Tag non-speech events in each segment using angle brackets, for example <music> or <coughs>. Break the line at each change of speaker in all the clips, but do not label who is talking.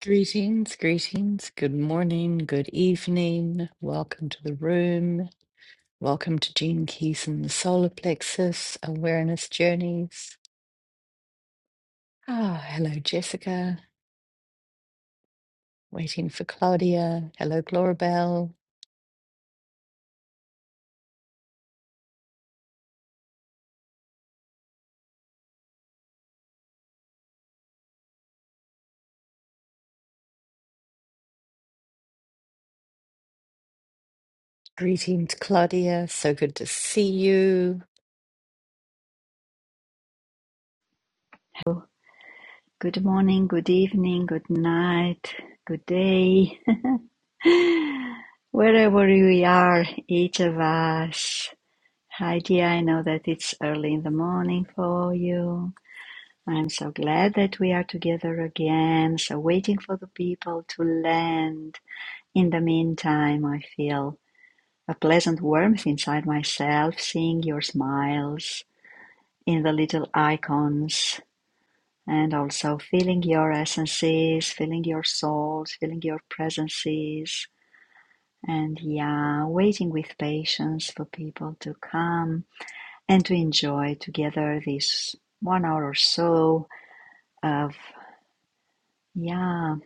Greetings, greetings. Good morning, good evening. Welcome to the room. Welcome to Gene Keyson's Solar Plexus Awareness Journeys. Ah, hello, Jessica. Waiting for Claudia. Hello, Glorabelle. Greetings, Claudia. So good to see you.
Good morning, good evening, good night, good day, <laughs> wherever we are, each of us. Hi, dear, I know that it's early in the morning for you. I'm so glad that we are together again, so waiting for the people to land. In the meantime, I feel a pleasant warmth inside myself, seeing your smiles in the little icons and also feeling your essences, feeling your souls, feeling your presences. And yeah, waiting with patience for people to come and to enjoy together this one hour or so of, yeah,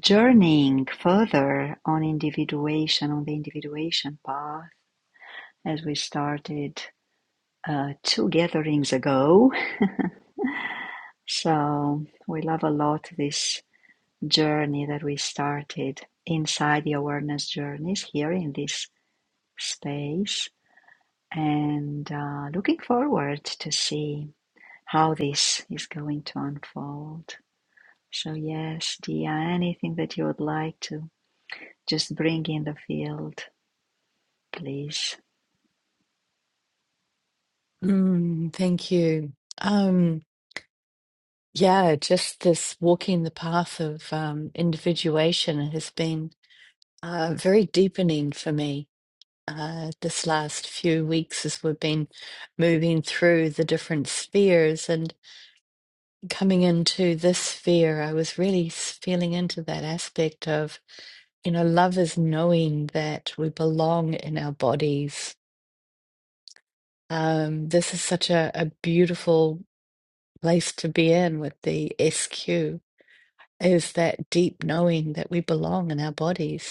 journeying further on individuation, on the individuation path as we started uh, two gatherings ago. So we love a lot this journey that we started inside the awareness journeys here in this space and uh, looking forward to see how this is going to unfold. So, yes, Dia, anything that you would like to just bring in the field, please.
Mm, thank you. Um, yeah, just this walking the path of um, individuation has been uh, very deepening for me uh, this last few weeks as we've been moving through the different spheres and coming into this sphere, I was really s- feeling into that aspect of, you know, love is knowing that we belong in our bodies. Um, this is such a, a beautiful place to be in with the SQ, is that deep knowing that we belong in our bodies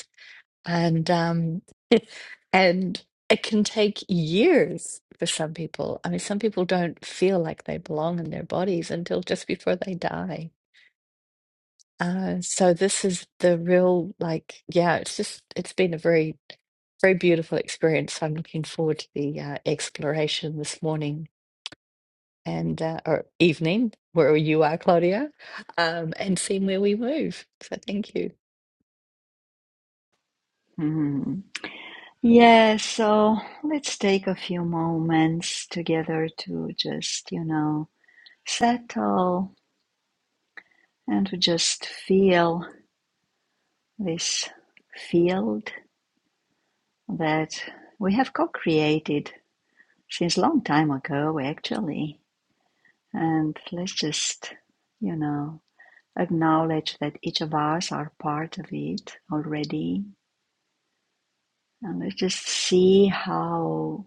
and um, <laughs> and it can take years for some people. I mean, some people don't feel like they belong in their bodies until just before they die. Uh, so this is the real like, yeah, it's just it's been a very very beautiful experience. I'm looking forward to the uh, exploration this morning and uh, or evening where you are, Claudia, um, and seeing where we move. So thank you.
Mhm. Yes, so let's take a few moments together to just, you know, settle and to just feel this field that we have co-created since long time ago actually and let's just you know acknowledge that each of us are part of it already and let's just see how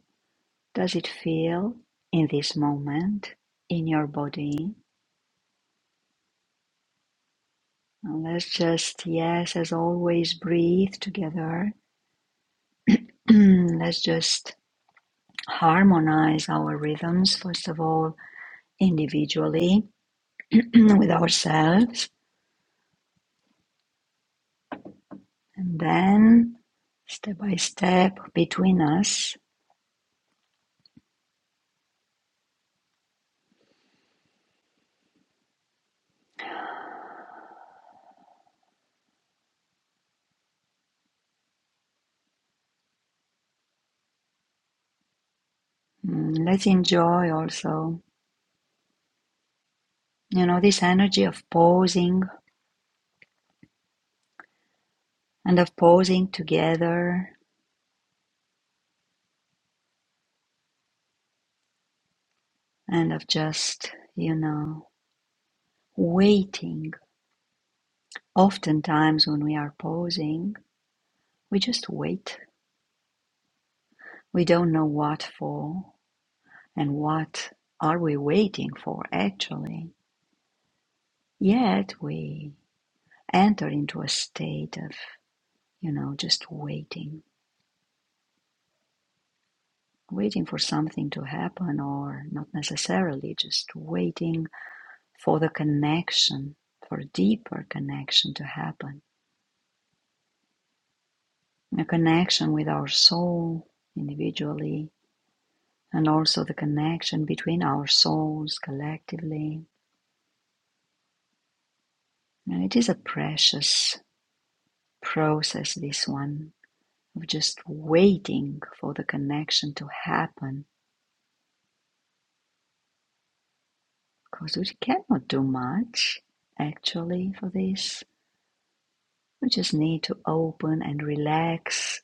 does it feel in this moment in your body and let's just yes as always breathe together <clears throat> let's just harmonize our rhythms first of all individually <clears throat> with ourselves and then step by step between us. Mm, Let's enjoy also, you know, this energy of pausing and of pausing together and of just, you know, waiting. Oftentimes when we are pausing, we just wait. We don't know what for and what are we waiting for actually. Yet we enter into a state of you know, just waiting, waiting for something to happen, or not necessarily, just waiting for the connection, for deeper connection to happen. A connection with our soul individually, and also the connection between our souls collectively. And it is a precious process, this one, of just waiting for the connection to happen, because we cannot do much actually for this We just need to open and relax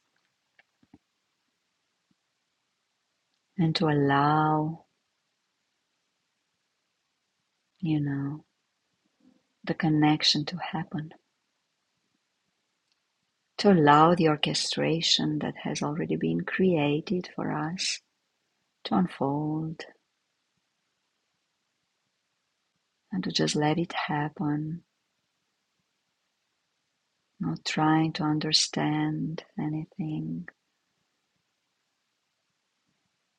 and to allow, you know, the connection to happen. To allow the orchestration that has already been created for us to unfold and to just let it happen, not trying to understand anything,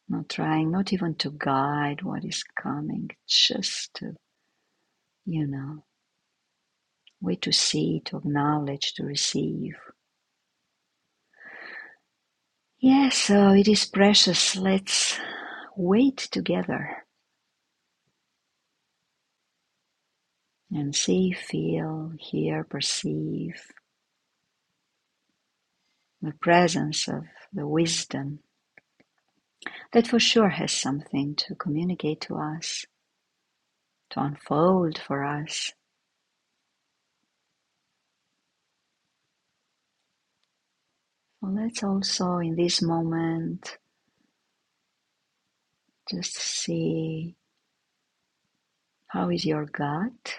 not trying, not even to guide what is coming, just to, you know, wait to see, to acknowledge, to receive. Yes, yeah, so it is precious. Let's Wait together and see, feel, hear, perceive the presence of the wisdom that for sure has something to communicate to us, to unfold for us. Well, Let's also in this moment just see how is your gut?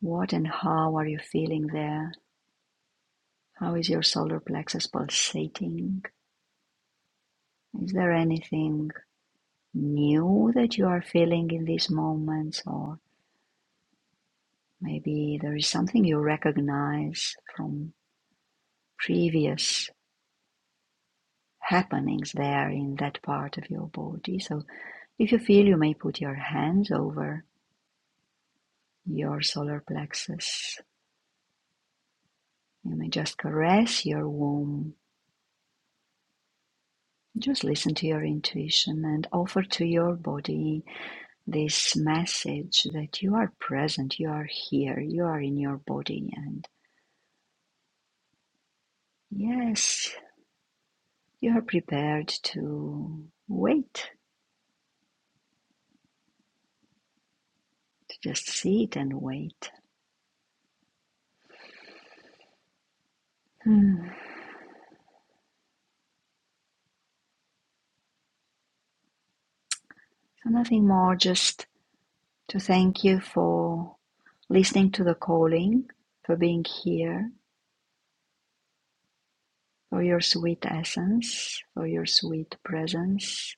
What and how are you feeling there? How is your solar plexus pulsating? Is there anything new that you are feeling in these moments or Maybe there is something you recognize from previous happenings there in that part of your body. So, if you feel, you may put your hands over your solar plexus. You may just caress your womb. Just listen to your intuition and offer to your body this message that you are present, you are here, you are in your body, and yes, you are prepared to wait, to just sit and wait Hmm. So nothing more, just to thank you for listening to the calling, for being here, for your sweet essence, for your sweet presence.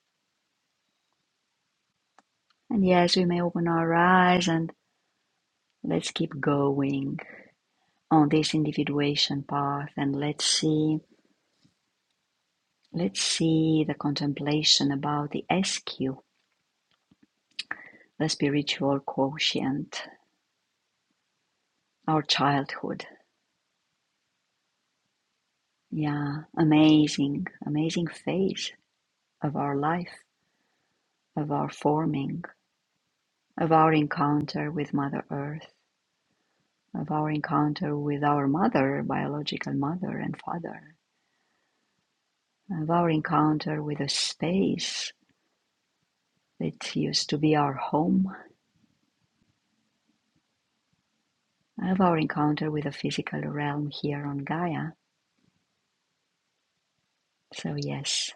And yes, we may open our eyes and let's keep going on this individuation path and let's see let's see the contemplation about the SQ, the spiritual quotient, our childhood. Yeah, amazing, amazing phase of our life of our forming, of our encounter with Mother Earth, of our encounter with our mother, biological mother and father, of our encounter with a space that used to be our home, of our encounter with the physical realm here on Gaia. So, yes,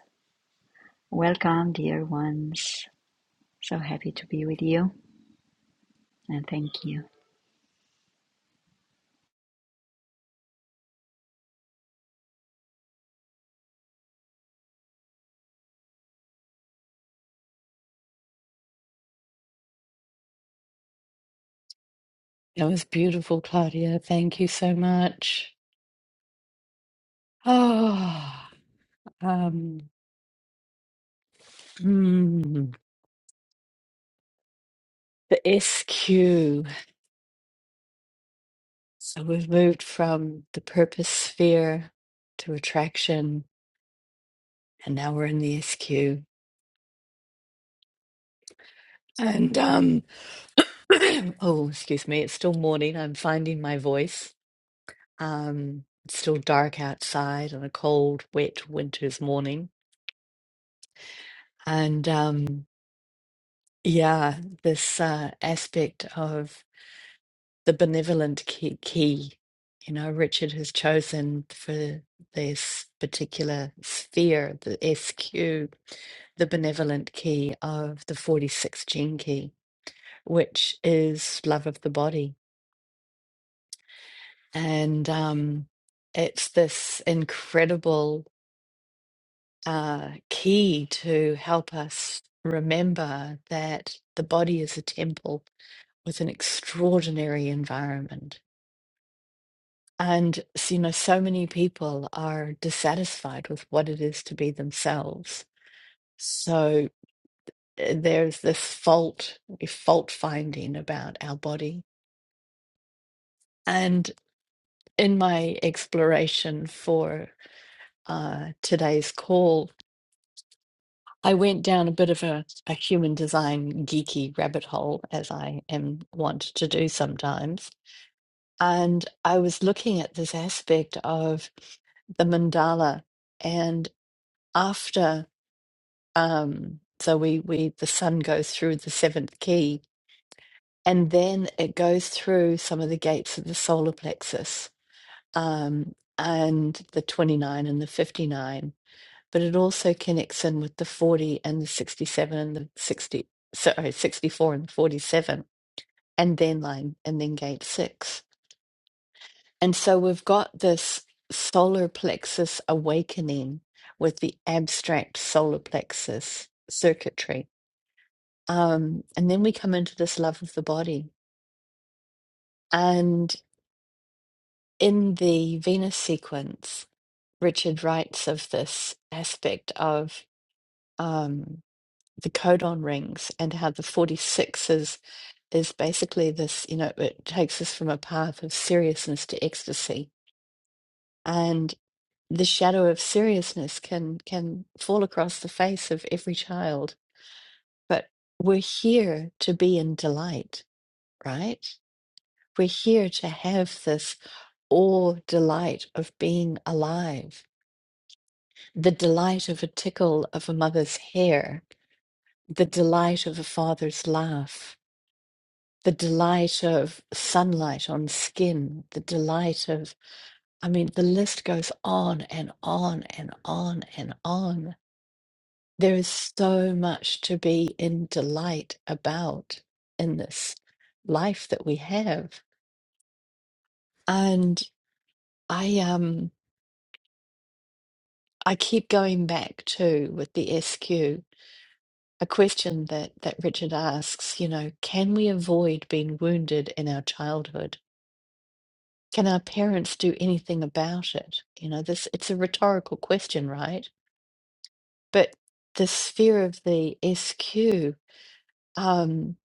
welcome, dear ones. So happy to be with you and thank you.
That was beautiful, Claudia. Thank you so much. Oh, um, hmm, the SQ. So we've moved from the purpose sphere to attraction, and now we're in the SQ. And um, <clears throat> oh, excuse me, it's still morning. I'm finding my voice. Um, it's still dark outside on a cold, wet winter's morning. And um, yeah, this uh, aspect of the benevolent key, key you know richard has chosen for this particular sphere the sq the benevolent key of the 46 gene key which is love of the body and um it's this incredible uh key to help us remember that the body is a temple with an extraordinary environment And s- you know, so many people are dissatisfied with what it is to be themselves. So uh, there's this fault, fault finding about our body. And in my exploration for uh, today's call, I went down a bit of a, a human design geeky rabbit hole, as I am wont to do sometimes. And I was looking at this aspect of the mandala. And after Um, so we we the sun goes through the seventh key, and then it goes through some of the gates of the solar plexus, um, and the 29 and the 59. But it also connects in with the 40 and the 67 and the 60, sorry, 64 and 47, and then line and then gate six. And so we've got this solar plexus awakening with the abstract solar plexus circuitry Um, and then we come into this love of the body. And in the Venus sequence, Richard writes of this aspect of um, the codon rings and how the 46 is, is basically this, you know, it takes us from a path of seriousness to ecstasy. And the shadow of seriousness can can fall across the face of every child. But we're here to be in delight, right? We're here to have this Or delight of being alive, the delight of a tickle of a mother's hair, the delight of a father's laugh, the delight of sunlight on skin, the delight of, I mean, the list goes on and on and on and on. There is so much to be in delight about in this life that we have. And I um I keep going back to with the SQ a question that that Richard asks, you know, can we avoid being wounded in our childhood? Can our parents do anything about it? You know, this it's a rhetorical question, right? But the sphere of the SQ, um,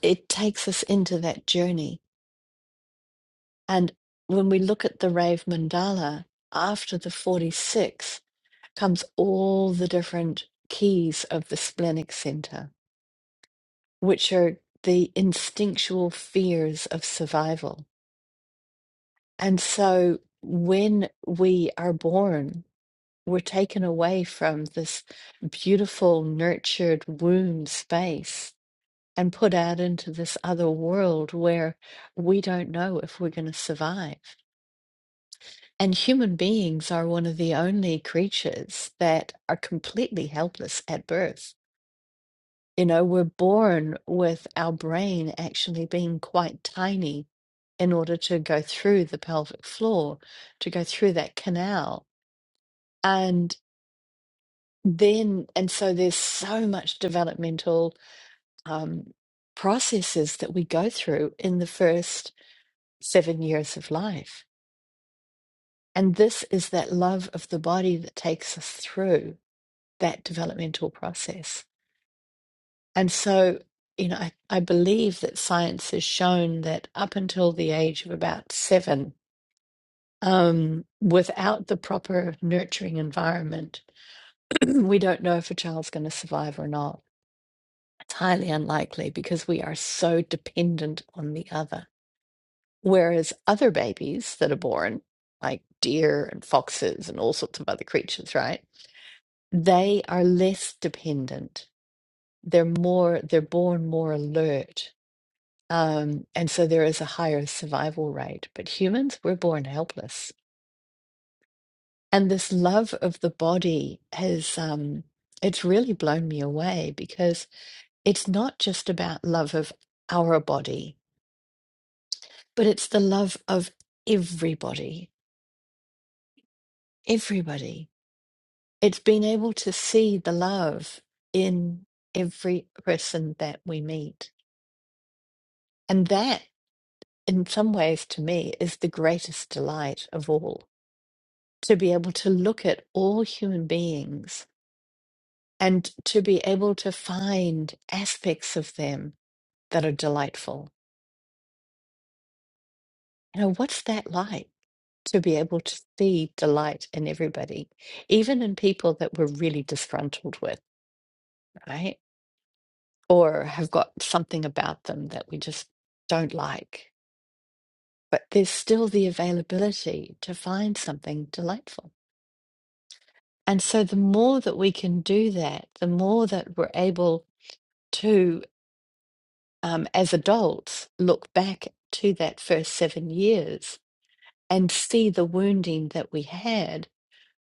it takes us into that journey. And when we look at the Rave Mandala, after the 46 comes all the different keys of the splenic center which are the instinctual fears of survival. And so when we are born, we're taken away from this beautiful, nurtured womb space and put out into this other world where we don't know if we're going to survive. And human beings are one of the only creatures that are completely helpless at birth You know, we're born with our brain actually being quite tiny in order to go through the pelvic floor, to go through that canal. And then, and so there's so much developmental um, processes that we go through in the first seven years of life. And this is that love of the body that takes us through that developmental process. And so, you know, I, I believe that science has shown that up until the age of about seven, um, without the proper nurturing environment, <clears throat> we don't know if a child's going to survive or not. It's highly unlikely because we are so dependent on the other. Whereas other babies that are born, like deer and foxes and all sorts of other creatures, right? They are less dependent. They're more, they're born more alert Um, and so there is a higher survival rate. But humans, we're born helpless. And this love of the body has, um, it's really blown me away because it's not just about love of our body, but it's the love of everybody, everybody. It's being able to see the love in every person that we meet. And that, in some ways, to me, is the greatest delight of all to be able to look at all human beings and to be able to find aspects of them that are delightful. You know, what's that like to be able to see delight in everybody, even in people that we're really disgruntled with, right? Or have got something about them that we just don't like. But there's still the availability to find something delightful. And so the more that we can do that, the more that we're able to. um, as adults look back to that first seven years and see the wounding that we had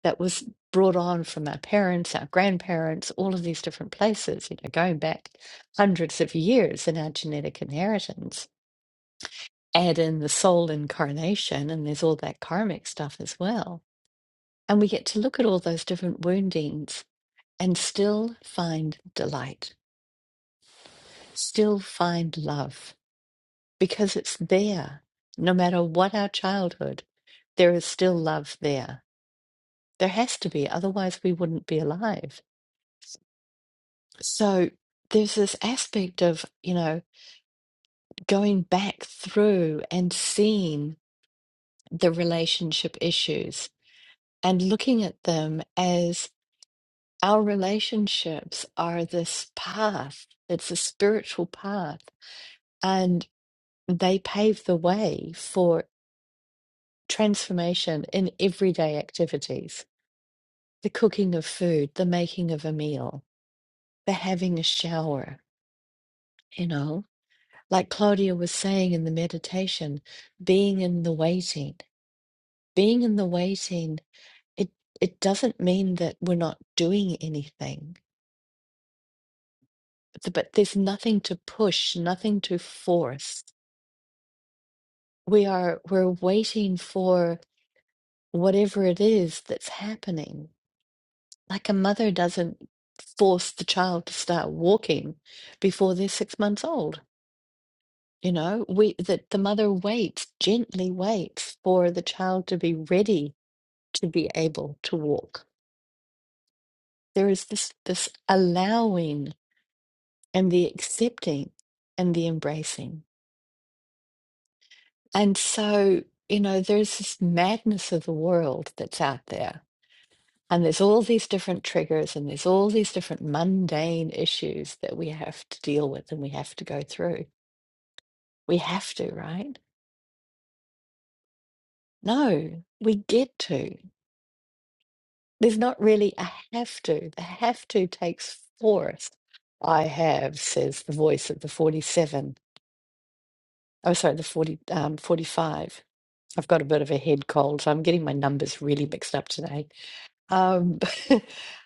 that was brought on from our parents, our grandparents, all of these different places, you know, going back hundreds of years in our genetic inheritance. Add in the soul incarnation, and there's all that karmic stuff as well. And we get to look at all those different woundings and still find delight, still find love because it's there. No matter what our childhood, there is still love there. There has to be, otherwise, we wouldn't be alive. So there's this aspect of, you know, going back through and seeing the relationship issues and looking at them as our relationships are this path, it's a spiritual path, and they pave the way for transformation in everyday activities the cooking of food, the making of a meal, the having a shower, you know. Like Claudia was saying in the meditation, being in the waiting, being in the waiting, it, it doesn't mean that we're not doing anything, th- but there's nothing to push, nothing to force. We are, we're waiting for whatever it is that's happening. Like a mother doesn't force the child to start walking before they're six months old You know, we that the mother waits, gently waits for the child to be ready to be able to walk. There is this this allowing and the accepting and the embracing. And so, you know, there's this madness of the world that's out there. And there's all these different triggers and there's all these different mundane issues that we have to deal with and we have to go through. We have to, right? No, we get to. There's not really a have to. The have to takes force. I have, says the voice of the 47. Oh, sorry, the 40, um, 45. I've got a bit of a head cold, so I'm getting my numbers really mixed up today. Um,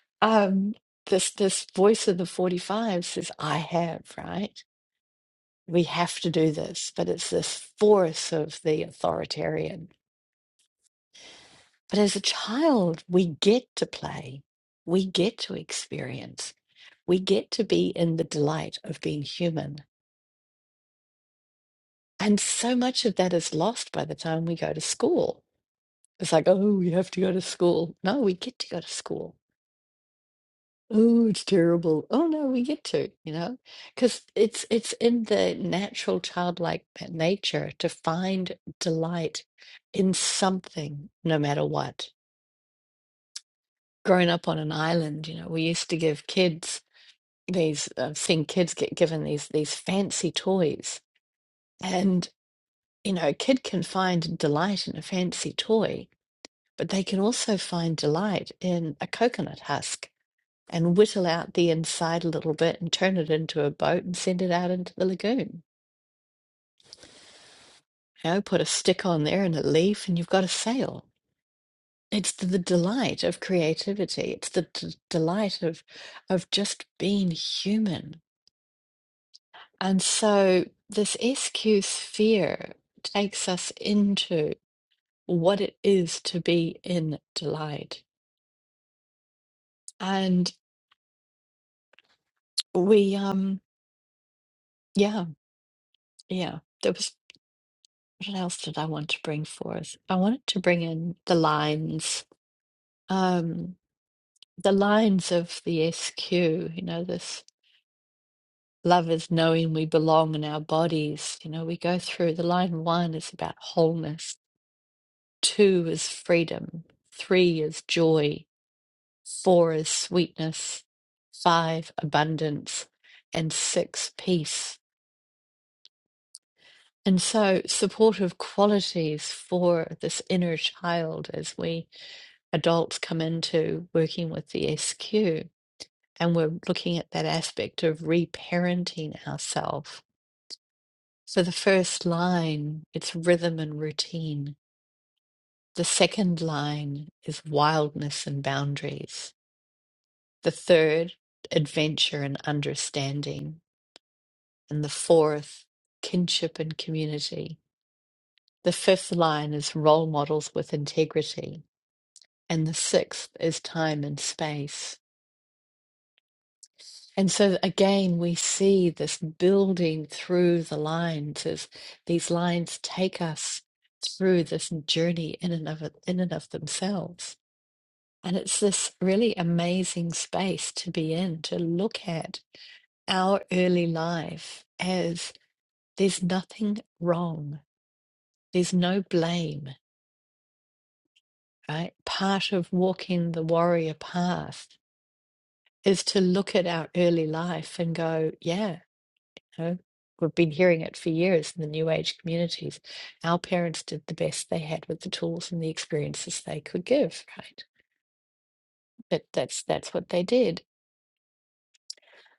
<laughs> um, this this voice of the 45 says, I have, right? We have to do this, but it's this force of the authoritarian. But as a child, we get to play. We get to experience we get to be in the delight of being human. And so much of that is lost by the time we go to school. It's like, oh, we have to go to school. No, we get to go to school. Oh, it's terrible. Oh no, we get to, you know, because it's it's in the natural childlike nature to find delight in something, no matter what. Growing up on an island, you know, we used to give kids these. I've seen kids get given these these fancy toys, and. you know, a kid can find delight in a fancy toy, but they can also find delight in a coconut husk and whittle out the inside a little bit and turn it into a boat and send it out into the lagoon. You know, put a stick on there and a leaf, and you've got a sail. It's the, the delight of creativity. It's the d- delight of of just being human. And so this SQ sphere takes us into what it is to be in delight And we, um, yeah, yeah. There was what else did I want to bring forth? I wanted to bring in the lines, um, the lines of the SQ. You know, this love is knowing we belong in our bodies. You know, we go through the line one is about wholeness, two is freedom, three is joy, four is sweetness, five abundance, and six peace. And so, supportive qualities for this inner child as we adults come into working with the SQ, and we're looking at that aspect of reparenting ourselves. So, the first line, it's rhythm and routine. The second line is wildness and boundaries. The third, adventure and understanding. And the fourth, kinship and community. The fifth line is role models with integrity. and the sixth is time and space. And so again, we see this building through the lines as these lines take us through this journey in and of in and of themselves. And it's this really amazing space to be in, to look at our early life as there's nothing wrong. There's no blame, right? Part of walking the warrior path is to look at our early life and go, yeah, You know, we've been hearing it for years in the new age communities. Our parents did the best they had with the tools and the experiences they could give, right? But that's that's what they did.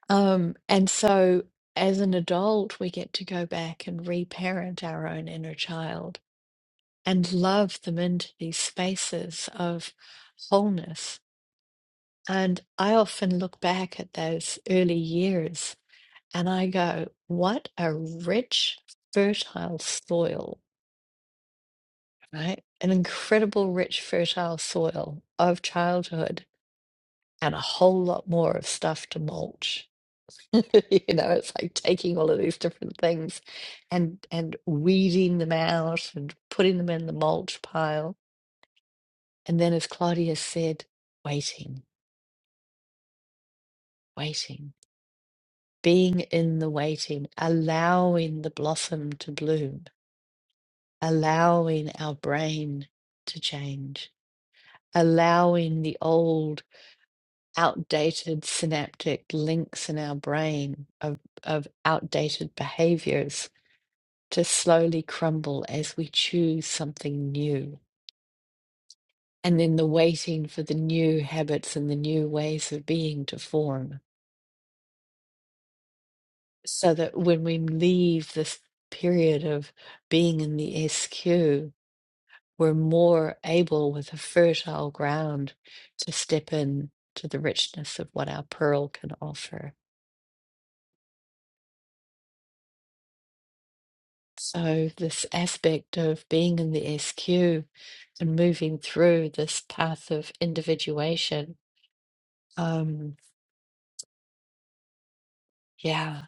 Um, and so as an adult, we get to go back and reparent our own inner child and love them into these spaces of wholeness. And I often look back at those early years and I go, what a rich, fertile soil right? An incredible, rich, fertile soil of childhood and a whole lot more of stuff to mulch. <laughs> You know, it's like taking all of these different things and and weeding them out and putting them in the mulch pile. And then, as Claudia said, waiting, waiting, being in the waiting, allowing the blossom to bloom, allowing our brain to change, allowing the old outdated synaptic links in our brain of, of outdated behaviors to slowly crumble as we choose something new. And then the waiting for the new habits and the new ways of being to form. So that when we leave this period of being in the SQ, we're more able with a fertile ground to step in to the richness of what our pearl can offer. So, this aspect of being in the SQ and moving through this path of individuation, um, yeah,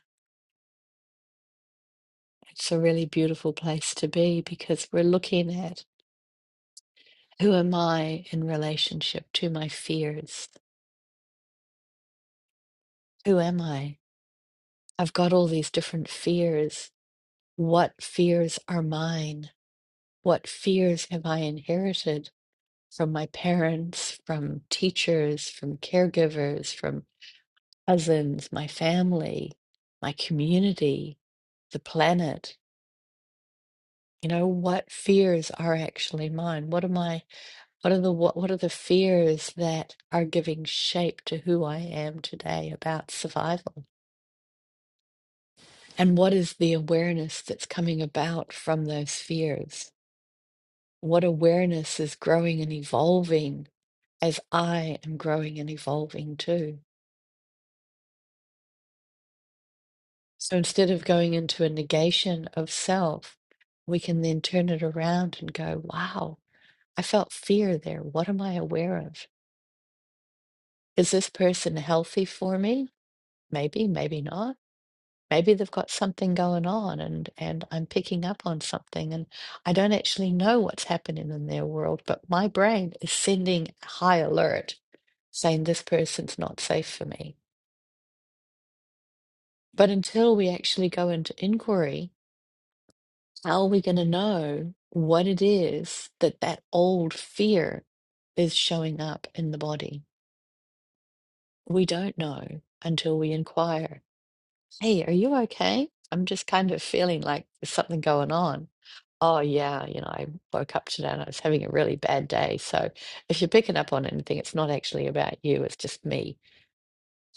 it's a really beautiful place to be because we're looking at who am I in relationship to my fears? Who am I? I've got all these different fears. What fears are mine? What fears have I inherited from my parents, from teachers, from caregivers, from cousins, my family, my community, the planet. You know, what fears are actually mine? What am I, what are the what, what are the fears that are giving shape to who I am today about survival? And what is the awareness that's coming about from those fears? What awareness is growing and evolving as I am growing and evolving too? So instead of going into a negation of self, we can then turn it around and go, wow, I felt fear there. What am I aware of? Is this person healthy for me? Maybe, maybe not. Maybe they've got something going on and, and I'm picking up on something and I don't actually know what's happening in their world, but my brain is sending a high alert saying this person's not safe for me. But until we actually go into inquiry How are we going to know what it is that that old fear is showing up in the body? We don't know until we inquire. Hey, are you okay? I'm just kind of feeling like there's something going on. Oh, yeah, you know, I woke up today and I was having a really bad day. So if you're picking up on anything, it's not actually about you, it's just me.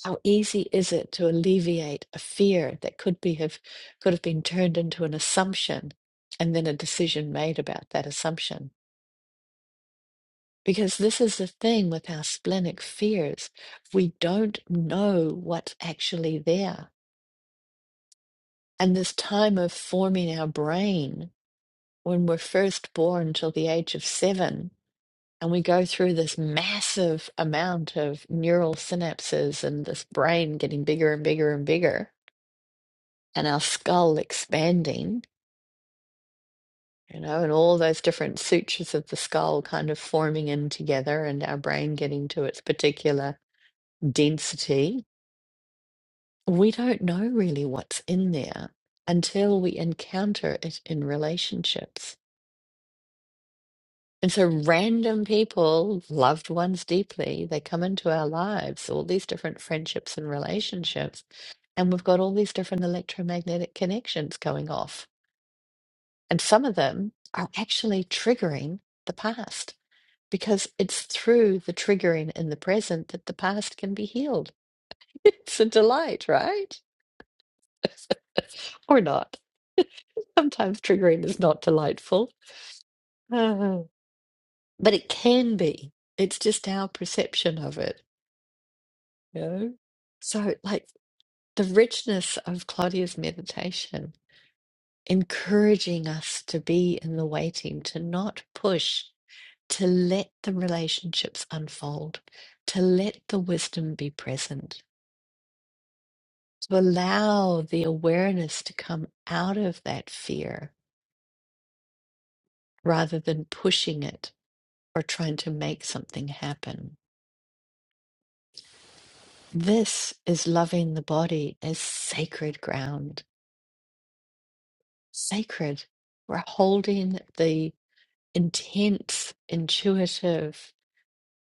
How easy is it to alleviate a fear that could be have could have been turned into an assumption and then a decision made about that assumption? Because this is the thing with our splenic fears. We don't know what's actually there. And this time of forming our brain, when we're first born till the age of seven, and we go through this massive amount of neural synapses and this brain getting bigger and bigger and bigger and our skull expanding, you know, and all those different sutures of the skull kind of forming in together and our brain getting to its particular density, we don't know really what's in there until we encounter it in relationships. And so, random people, loved ones deeply, they come into our lives, all these different friendships and relationships, and we've got all these different electromagnetic connections going off And some of them are actually triggering the past because it's through the triggering in the present that the past can be healed. <laughs> It's a delight, right? <laughs> or not. <laughs> Sometimes triggering is not delightful, Oh. but it can be. It's just our perception of it. You know? So, like the richness of Claudia's meditation, encouraging us to be in the waiting, to not push to let the relationships unfold, to let the wisdom be present, to allow the awareness to come out of that fear rather than pushing it or trying to make something happen. This is loving the body as sacred ground, sacred. We're holding the intense, intuitive,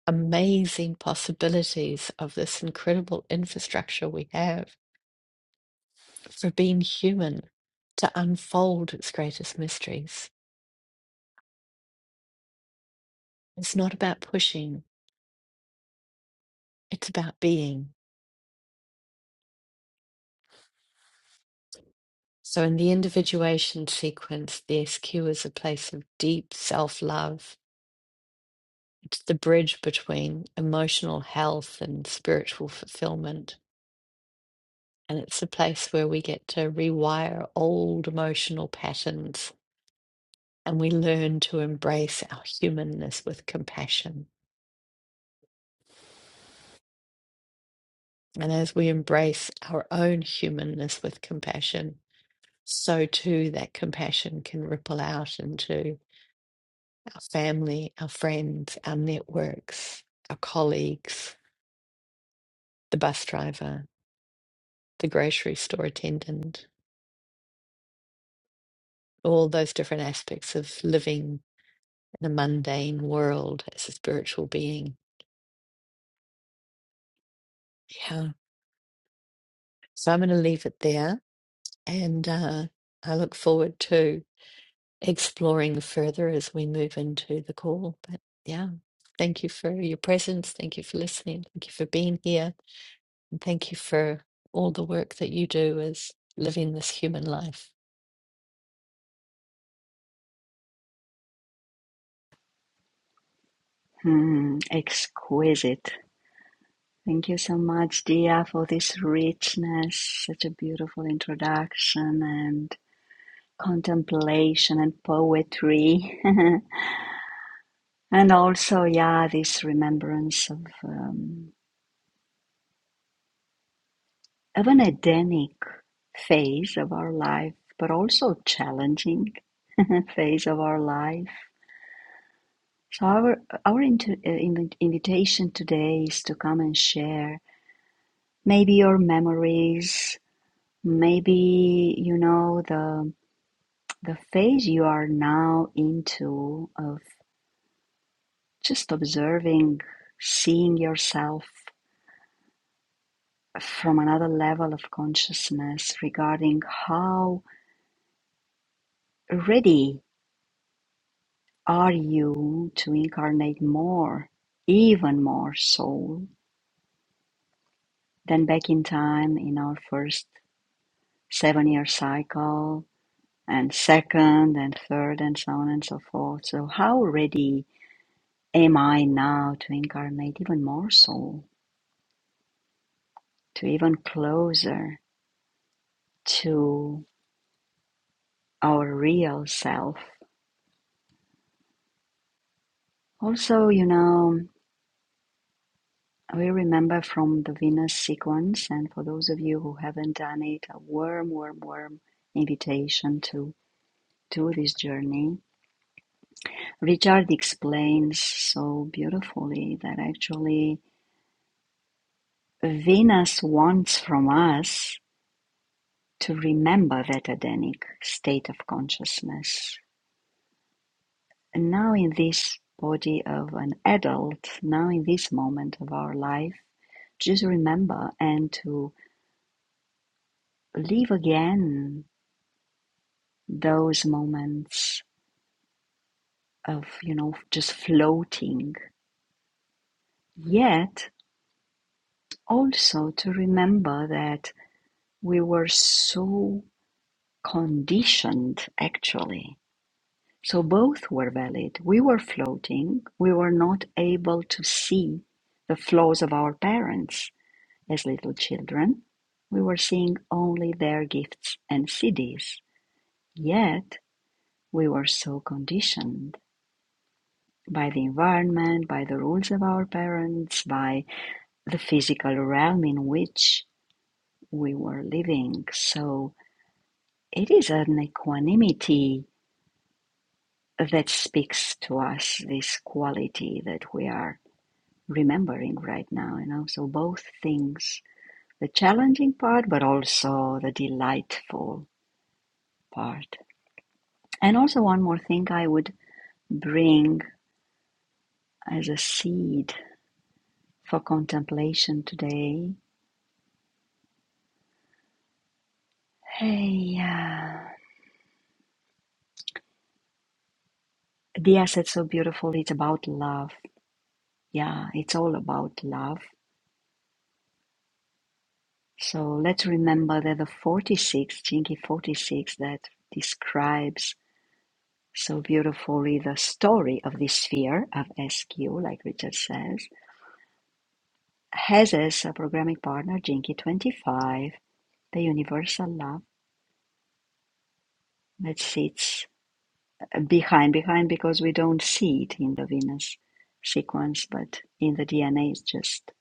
amazing possibilities of this incredible infrastructure we have for being human to unfold its greatest mysteries. It's not about pushing, it's about being. So, in the individuation sequence, the SQ is a place of deep self love. It's the bridge between emotional health and spiritual fulfillment. And it's a place where we get to rewire old emotional patterns and we learn to embrace our humanness with compassion. And as we embrace our own humanness with compassion, so too that compassion can ripple out into our family, our friends, our networks, our colleagues, the bus driver, the grocery store attendant, all those different aspects of living in a mundane world as a spiritual being. Yeah. So I'm going to leave it there. And uh, I look forward to exploring further as we move into the call. But yeah, thank you for your presence. Thank you for listening. Thank you for being here. Thank you for all the work that you do as living this human life.
Hmm, exquisite Thank you so much, Dia, for this richness, such a beautiful introduction and contemplation and poetry. <laughs> and also, yeah, this remembrance of, um, of an Edenic phase of our life, but also challenging <laughs> phase of our life. So, our, our inter- uh, invitation today is to come and share maybe your memories, maybe, you know, the the phase you are now into of just observing, seeing yourself from another level of consciousness regarding how ready are you to incarnate more, even more soul than back in time in our first seven year cycle and second and third and so on and so forth. So how ready am I now to incarnate even more soul? to even closer to our real self. Also, you know, we remember from the Venus sequence, and for those of you who haven't done it, a warm, warm, warm invitation to do this journey. Richard explains so beautifully that actually Venus wants from us to remember that Adenic state of consciousness And now, in this body of an adult, now in this moment of our life, just remember and to live again those moments of, you know, just floating. Yet also to remember that we were so conditioned actually. So both were valid. We were floating, we were not able to see the flaws of our parents As little children, we were seeing only their gifts and CDs, yet we were so conditioned by the environment, by the rules of our parents, by the physical realm in which we were living. So it is an equanimity that speaks to us, this quality that we are remembering right now, you know. So both things the challenging part, but also the delightful part. And also, one more thing I would bring as a seed for contemplation today. Hey, yeah. Dia said so beautiful. It's about love. Yeah, it's all about love. So let's remember that the 46, Chinky 46, that describes so beautifully the story of this sphere of SQ, like Richard says, has as a programming partner Jinky 25, the universal love. that sits. behind behind because we don't see it in the Venus sequence but in the dna it's just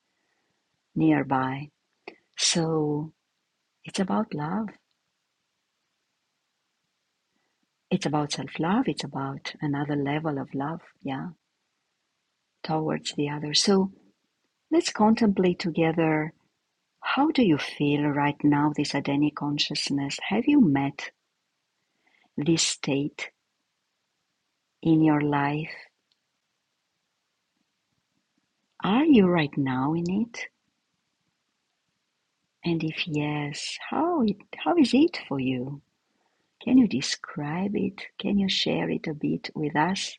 nearby so it's about love it's about self-love it's about another level of love yeah towards the other so let's contemplate together how do you feel right now this adenic consciousness have you met this state in your life are you right now in it and if yes how it how is it for you Can you describe it? Can you share it a bit with us?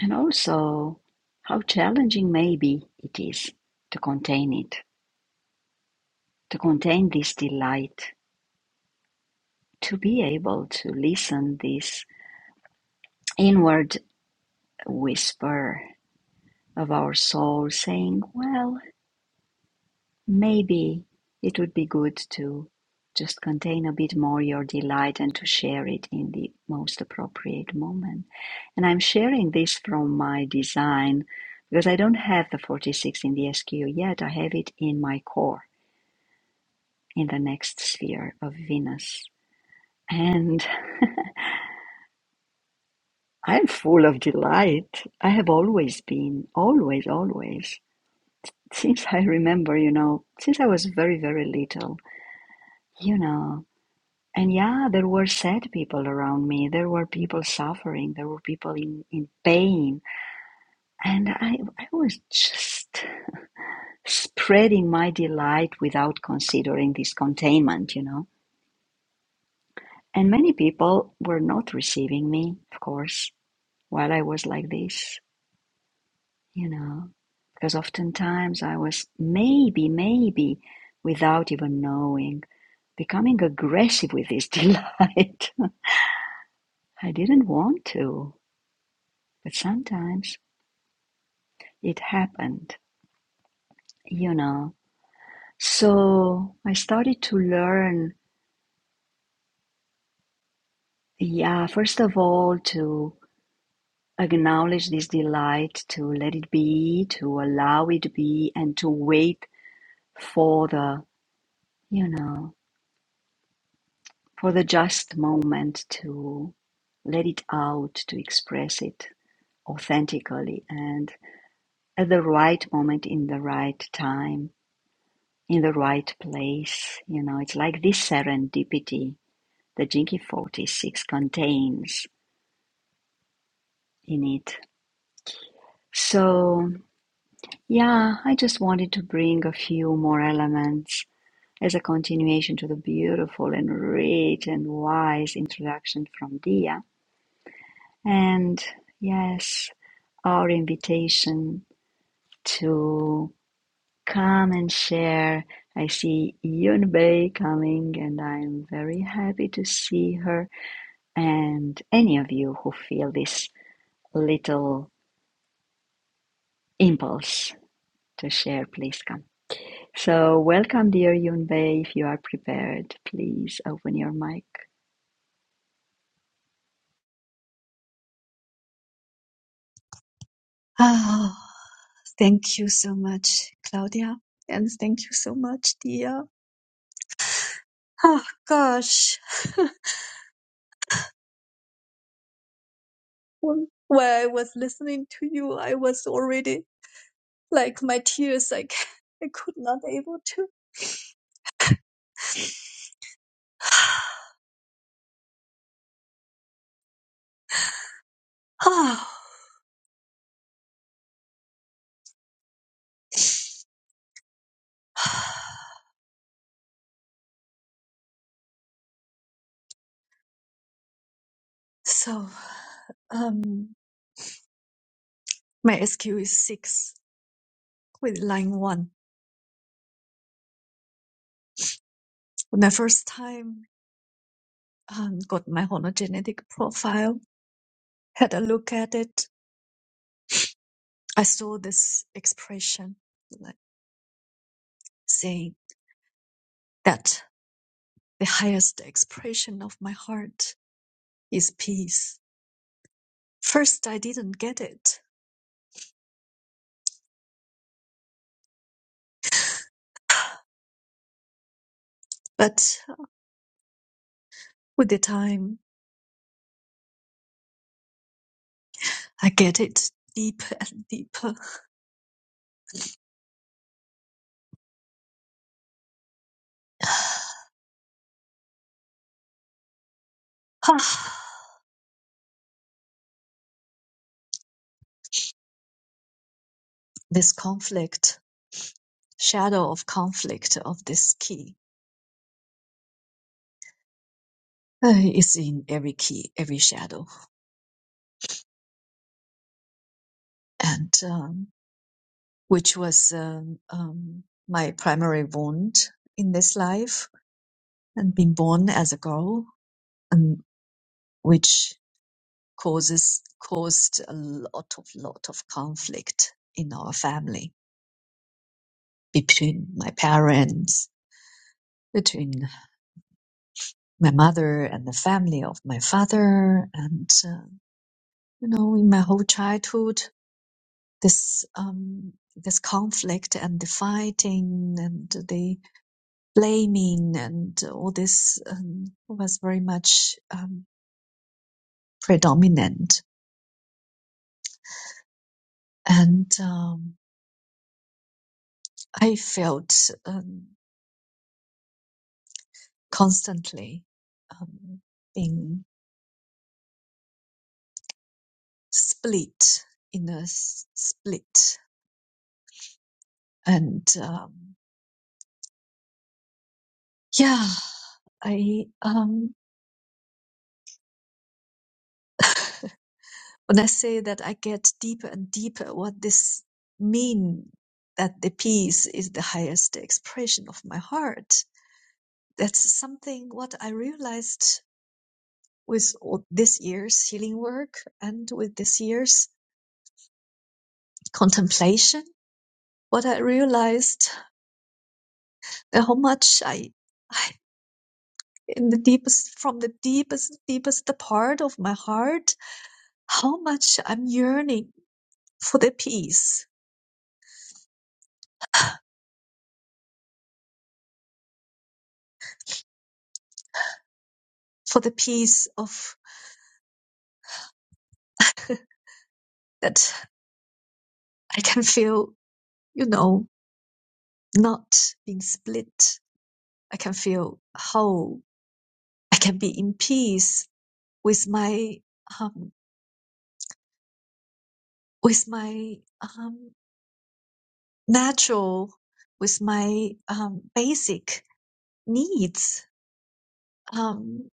And also, how challenging maybe it is to contain it, to contain this delight, to be able to listen this inward whisper of our soul saying, "Well, Maybe it would be good to just contain a bit more your delight and to share it in the most appropriate moment. And I'm sharing this from my design because I don't have the 46 in the SQ yet. I have it in my core in the next sphere of Venus. And <laughs> I'm full of delight. I have always been, always, always. Since I remember, you know, since I was very, very little, you know, And yeah, there were sad people around me. There were people suffering. There were people in, in pain. And I, I was just spreading my delight without considering this containment, you know. And many people were not receiving me, of course, while I was like this, you know. Because oftentimes I was maybe, maybe, without even knowing, becoming aggressive with this delight. <laughs> I didn't want to, but sometimes. it happened, you know. So I started to learn, yeah, first of all, to acknowledge this delight, to let it be, to allow it to be, and to wait for the, you know, for the just moment to let it out, to express it authentically and at the right moment, in the right time, in the right place. You know, it's like this serendipity the Jinky 46 contains in it. So, yeah, I just wanted to bring a few more elements as a continuation to the beautiful and rich and wise introduction from Dia. And yes, our invitation to come and share. I see Yunbei coming, and I'm very happy to see her and any of you who feel this little impulse to share, please come. So, welcome, dear Yunbei. If you are prepared, please open your mic.
Oh, thank you so much, Claudia, and thank you so much, dear. Oh gosh, when when I was listening to you, I was already like my tears, like <laughs> I c- I could not able to. <sighs> Oh, so um, my SQ is six with line one. When I first time um, got my hologenetic profile, had a look at it, I saw this expression like saying that. The highest expression of my heart is peace. First, I didn't get it, but with the time, I get it deeper and deeper. <sighs> Ah, this conflict, shadow of conflict of this key, uh, is in every key, every shadow, and um, which was um, um, my primary wound in this life, and being born as a girl, and which causes caused a lot of lot of conflict in our family between my parents between my mother and the family of my father and uh, you know in my whole childhood this um this conflict and the fighting and the blaming and all this um, was very much um, predominant and um, i felt Um, constantly um, being split in a s- split and um, yeah i um, when i say that i get deeper and deeper what this mean that the peace is the highest expression of my heart that's something what i realized with all this year's healing work and with this year's contemplation what i realized that how much i I in the deepest from the deepest deepest part of my heart how much i'm yearning for the peace for the peace of <laughs> that i can feel you know not being split i can feel whole i can be in peace with my um with my um natural with my um basic needs um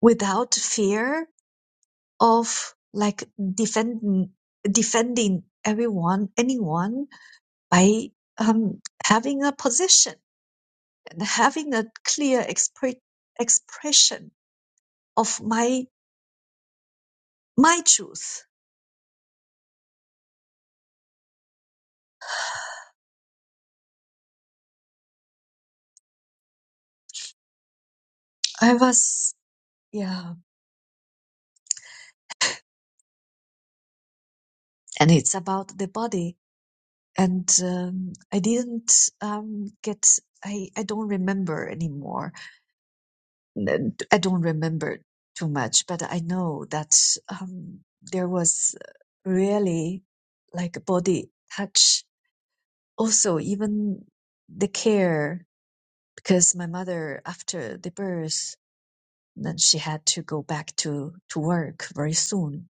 without fear of like defend, defending everyone, anyone by um, having a position and having a clear expre- expression of my my truth. I was yeah, and it's about the body, and um, I didn't um, get. I, I don't remember anymore I I don't remember too much, but I know that um, there was really like body touch. Also, even the care, because my mother, after the birth, then she had to go back to, to work very soon.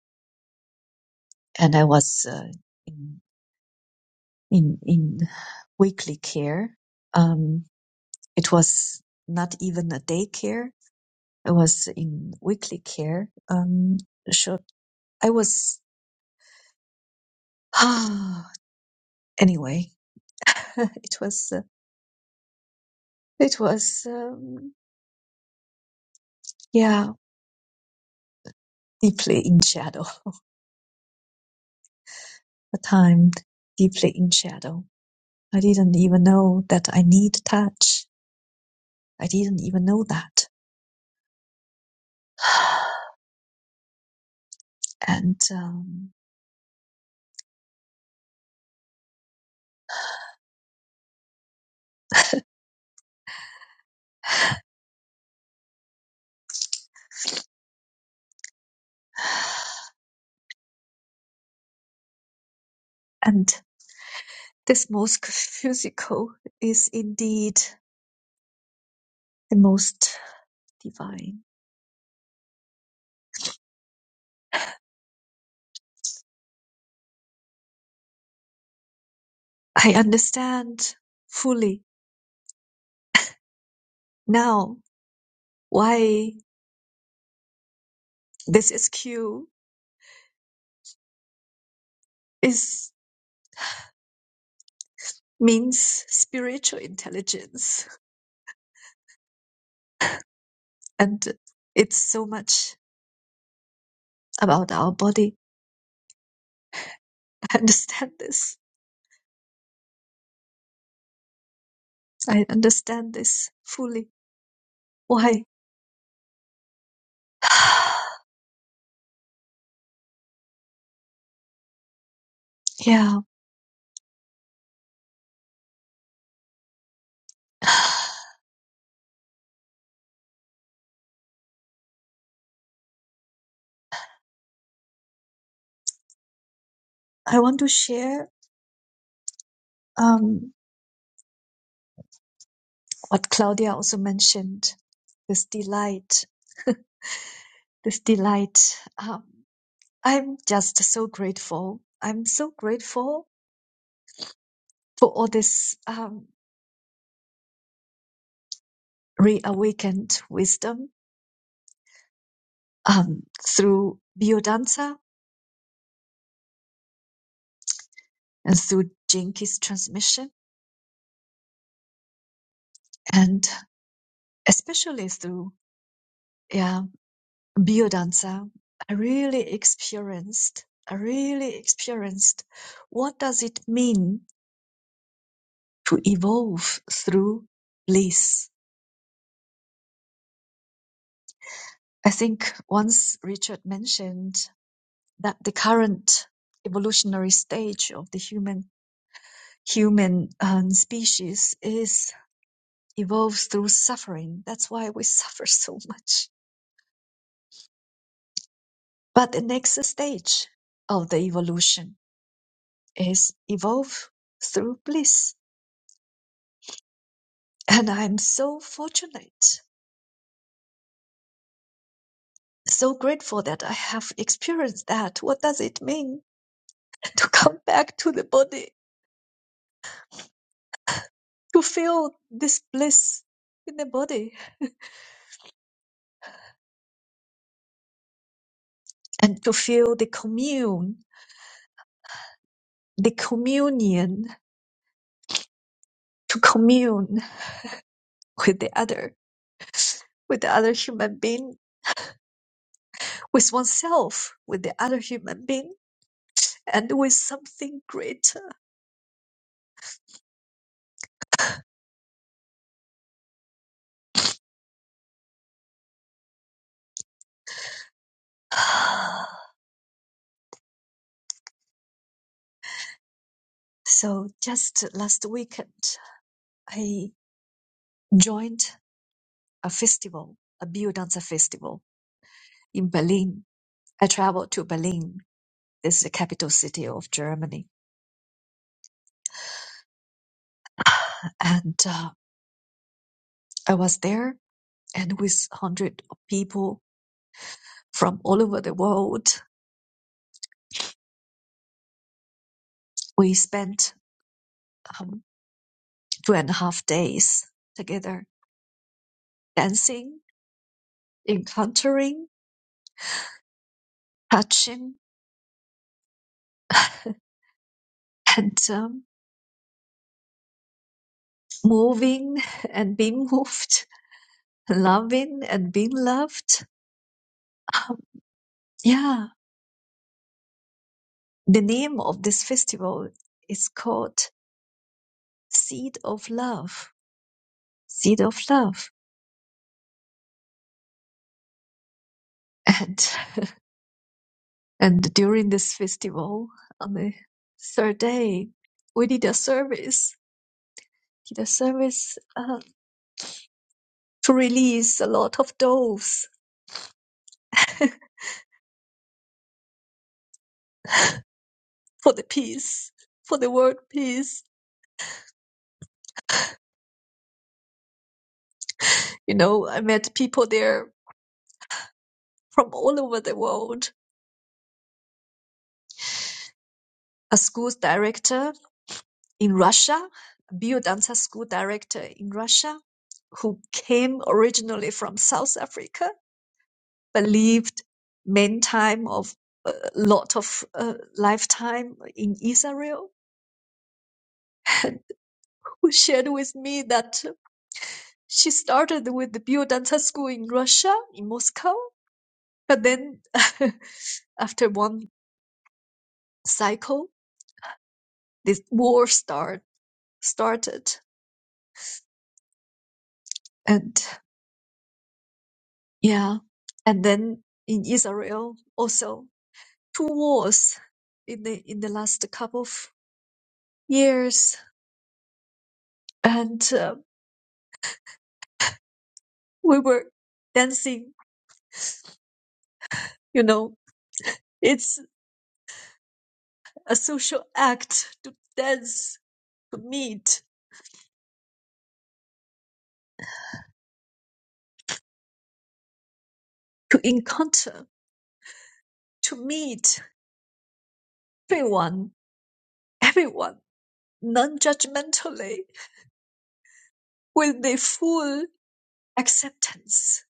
And I was uh, in, in, in weekly care. Um, it was not even a daycare. I was in weekly care. Um, short, I was <sighs> anyway, <laughs> it was uh, it was um, yeah deeply in shadow a time deeply in shadow. I didn't even know that I need touch. I didn't even know that. <sighs> and um, and this most <laughs> physical is indeed the most divine. I understand fully now why this SQ is means spiritual intelligence. And it's so much about our body. <laughs> I understand this. I understand this fully. Why? <sighs> yeah. <sighs> I want to share um, what Claudia also mentioned this delight, this delight. Um, I'm just so grateful. I'm so grateful for all this um, reawakened wisdom um, through biodanza and through Jinkies transmission and especially through yeah biodanza i really experienced i really experienced what does it mean to evolve through bliss i think once richard mentioned that the current evolutionary stage of the human human um, species is evolves through suffering that's why we <laughs> suffer so much But the next stage of the evolution is evolve through bliss. And I'm so fortunate, so grateful that I have experienced that. What does it mean <laughs> to come back to the body, to feel this bliss in the body, and to feel the commune, the communion, to commune with the other, with the other human being, with oneself, with the other human being, and with something greater. <sighs> So just last weekend, I joined a festival, a bio Dancer festival in Berlin. I traveled to Berlin. This is the capital city of Germany. And uh, I was there and with hundred of people from all over the world, we spent um, two and a half days together dancing, encountering, touching, <laughs> and um, moving and being moved, <laughs> loving and being loved Um, yeah, the name of this festival is called Seed of Love. Seed of Love. And and during this festival, on the third day, we did a service. Did a service uh, to release a lot of doves <laughs> for the peace, for the world peace. You know, I met people there from all over the world. A school's director in Russia, Biodanza school director in Russia, who came originally from South Africa, but lived main time of a lot of uh, lifetime in Israel, <laughs> who shared with me that she started with the Biodanza school in Russia, in Moscow, but then <laughs> after one cycle, this war start, started. And yeah, and then in Israel also two wars in the in the last couple of years, and uh, we were dancing. You know, it's a social act to dance, to meet, to encounter, to meet everyone, everyone, non-judgmentally, with the full acceptance,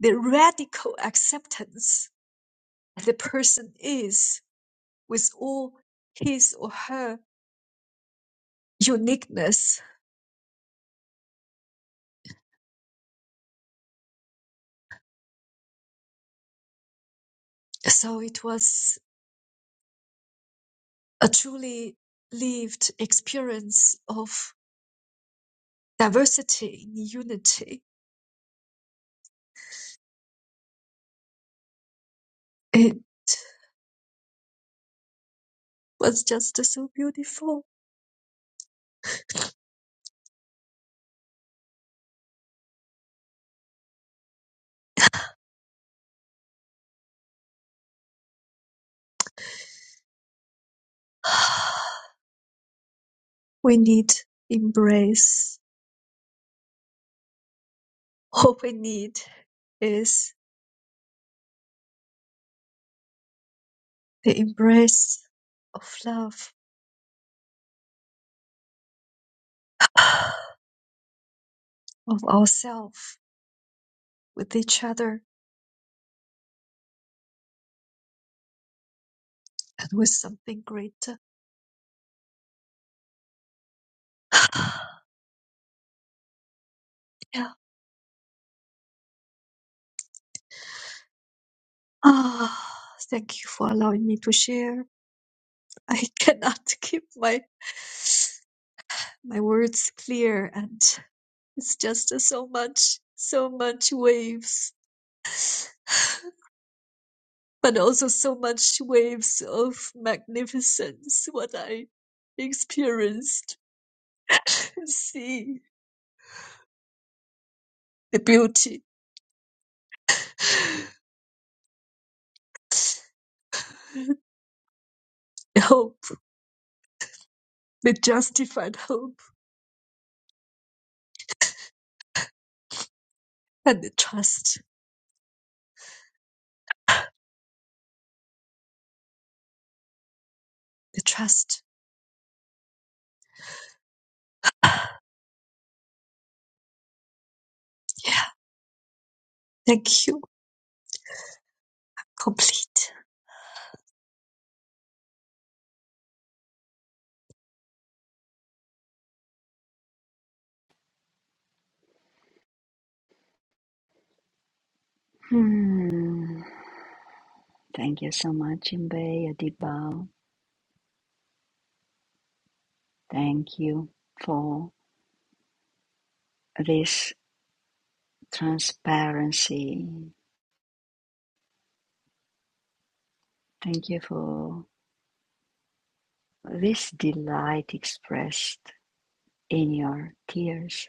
the radical acceptance that the person is with all his or her uniqueness. So it was a truly lived experience of diversity in unity. It was just so beautiful. <sighs> We need embrace. All we need is the embrace of love, <sighs> of ourselves, with each other, and with something greater. <sighs> Yeah. Ah, thank you for allowing me to share. I cannot <laughs> keep my my words clear, and. It's just uh, so much, so much waves, <sighs> but also so much waves of magnificence. What I experienced, <laughs> <coughs> see the beauty, <sighs> the hope, the justified hope, and the trust. The trust. Yeah. Thank you. Complete.
Hmm. Thank you so much, Yunbei, a deep bow. Thank you for this transparency. Thank you for this delight expressed in your tears,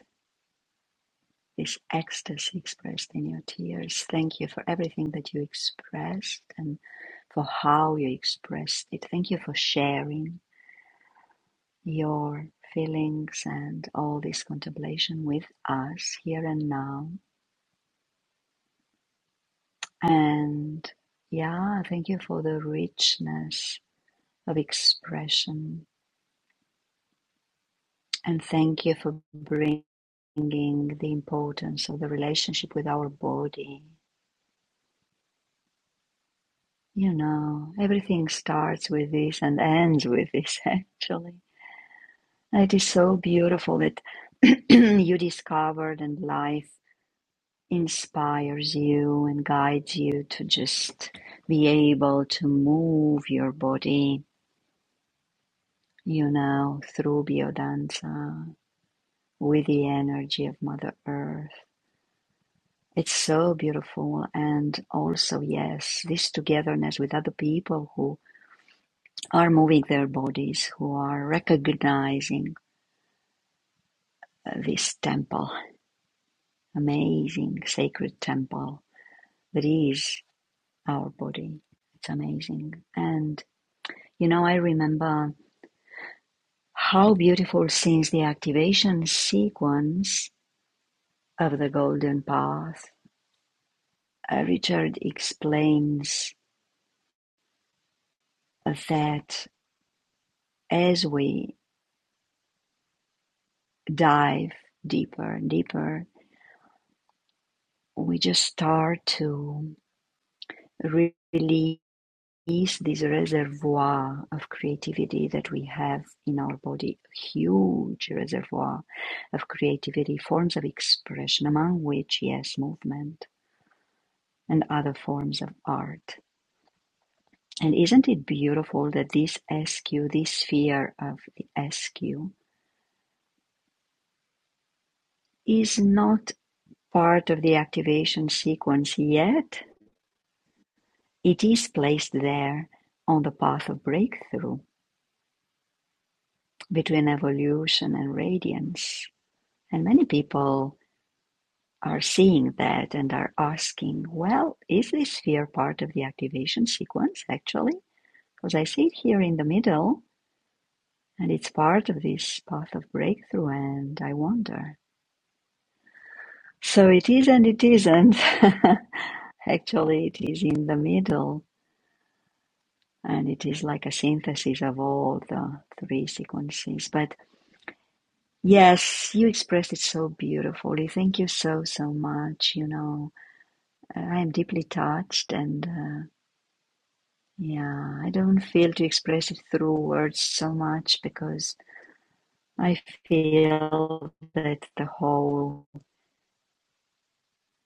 this ecstasy expressed in your tears. Thank you for everything that you expressed and for how you expressed it. Thank you for sharing your feelings and all this contemplation with us here and now. And yeah, thank you for the richness of expression. And thank you for bringing the importance of the relationship with our body. You know, everything starts with this and ends with this, <laughs> actually. It is so beautiful that <clears throat> you discovered and life inspires you and guides you to just be able to move your body, you know, through biodanza with the energy of Mother Earth. It's so beautiful. And also, yes, this togetherness with other people who are moving their bodies, who are recognizing uh, this temple, amazing sacred temple that is our body. It's amazing. And, you know, I remember How beautiful seems the activation sequence of "The Golden Path". Uh, Richard explains that as we dive deeper and deeper, we just start to re- release this reservoir of creativity that we have in our body, a huge reservoir of creativity, forms of expression, among which, yes, movement and other forms of art. And isn't it beautiful that this SQ, this sphere of the SQ, is not part of the activation sequence yet? It is placed there on the path of breakthrough between evolution and radiance. And many people are seeing that and are asking, well, is this sphere part of the activation sequence actually? Because I see it here in the middle and it's part of this path of breakthrough, and I wonder. So it is and it isn't. <laughs> Actually, it is in the middle and it is like a synthesis of all the three sequences. But yes, you expressed it so beautifully. Thank you so, so much. You know, I am deeply touched and uh, yeah, I don't feel to express it through words so much because I feel that the whole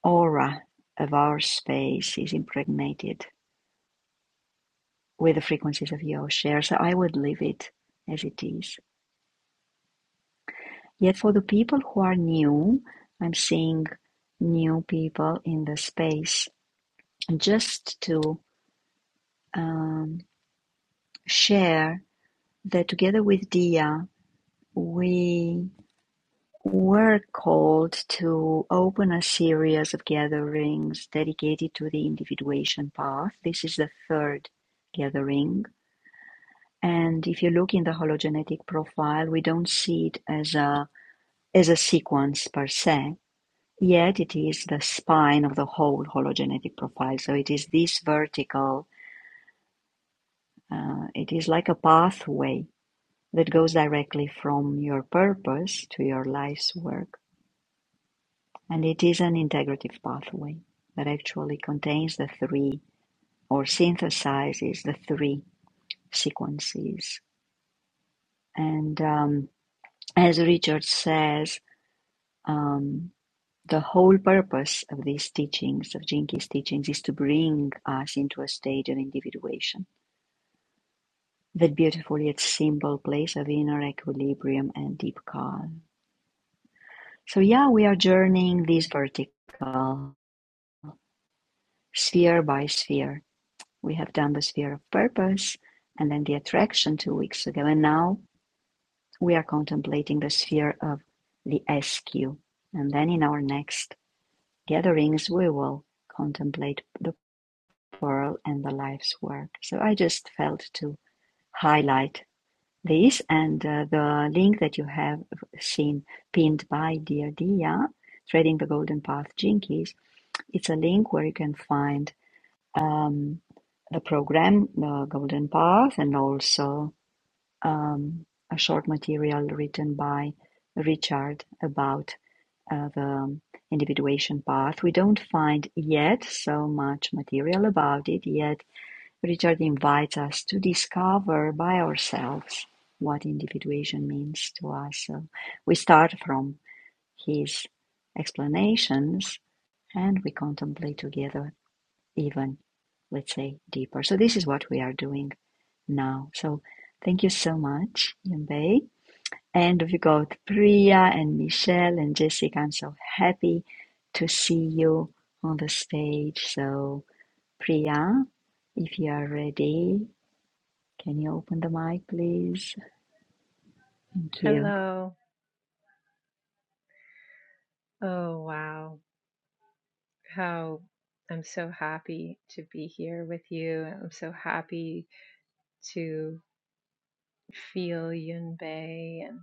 aura of our space is impregnated with the frequencies of your shares. So I would leave it as it is. Yet for the people who are new, I'm seeing new people in the space just to um, share that together with Dia, we were called to open a series of gatherings dedicated to the individuation path. This is the third gathering. And if you look in the hologenetic profile, we don't see it as a is a sequence per se, yet it is the spine of the whole hologenetic profile. So it is this vertical, uh, it is like a pathway that goes directly from your purpose to your life's work. And it is an integrative pathway that actually contains the three or synthesizes the three sequences. And um, as Richard says, um, The whole purpose of these teachings, of Jinki's teachings, is to bring us into a state of individuation, that beautiful yet simple place of inner equilibrium and deep calm. So, yeah, we are journeying this vertical sphere by sphere. We have done the sphere of purpose and then the attraction two weeks ago, and now we are contemplating the sphere of the SQ. And then in our next gatherings, we will contemplate the World and the Life's Work. So I just felt to highlight this and uh, the link that you have seen pinned by Dear Dia, Trading the Golden Path Jinkies. It's a link where you can find um, the program, the Golden Path, and also um, a short material written by Richard about uh, the individuation path. We don't find yet so much material about it yet Richard invites us to discover by ourselves what individuation means to us. So we start from his explanations and we contemplate together, even, let's say, deeper. So this is what we are doing now. So thank you so much, Yunbei. And we got Priya and Michelle and Jessica. I'm so happy to see you on the stage. So, Priya, if you are ready, can you open the mic, please? Thank you.
Hello. Oh, wow. How I'm so happy to be here with you. I'm so happy to feel Yunbei and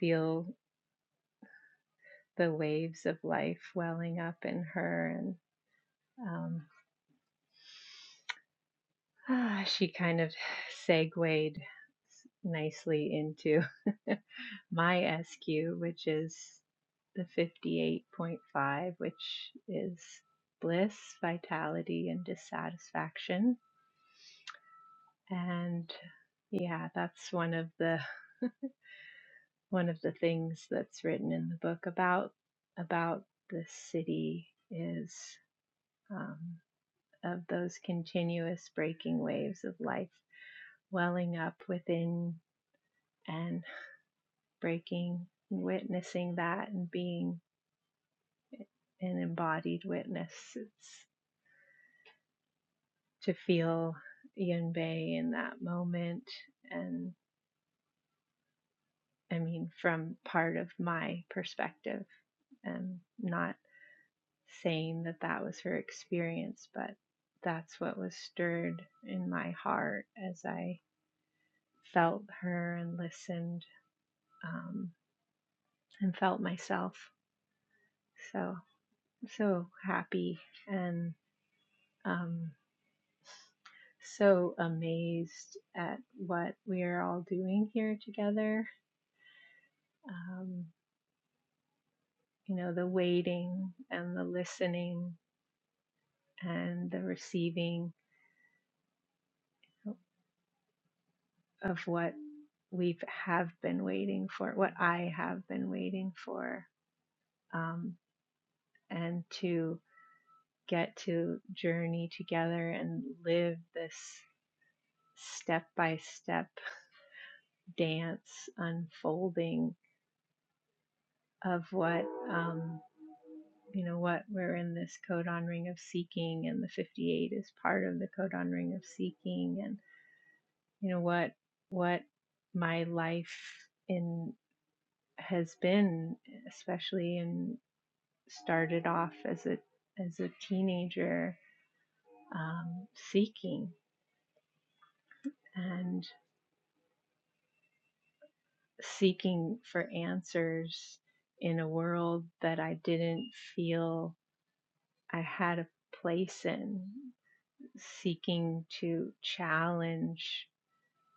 feel the waves of life welling up in her. And um, <sighs> ah, she kind of segued s- nicely into <laughs> my SQ, which is the 58.5, which is bliss, vitality, and dissatisfaction and yeah that's one of the one of the things that's written in the book about about the city is um, of those continuous breaking waves of life welling up within and breaking witnessing that and being an embodied witness it's to feel yunbei in that moment and i mean from part of my perspective and not saying that that was her experience, but that's what was stirred in my heart as I felt her and listened um, and felt myself. So, so happy and um, so amazed at what we are all doing here together. Um, you know, the waiting and the listening and the receiving of what we've have been waiting for, what I have been waiting for, um, and to get to journey together and live this step by step dance unfolding of what um, you know what we're in this codon ring of seeking, and the 58 is part of the codon ring of seeking, and you know what what my life in has been, especially in started off as a as a teenager um, seeking and seeking for answers in a world that I didn't feel I had a place in, seeking to challenge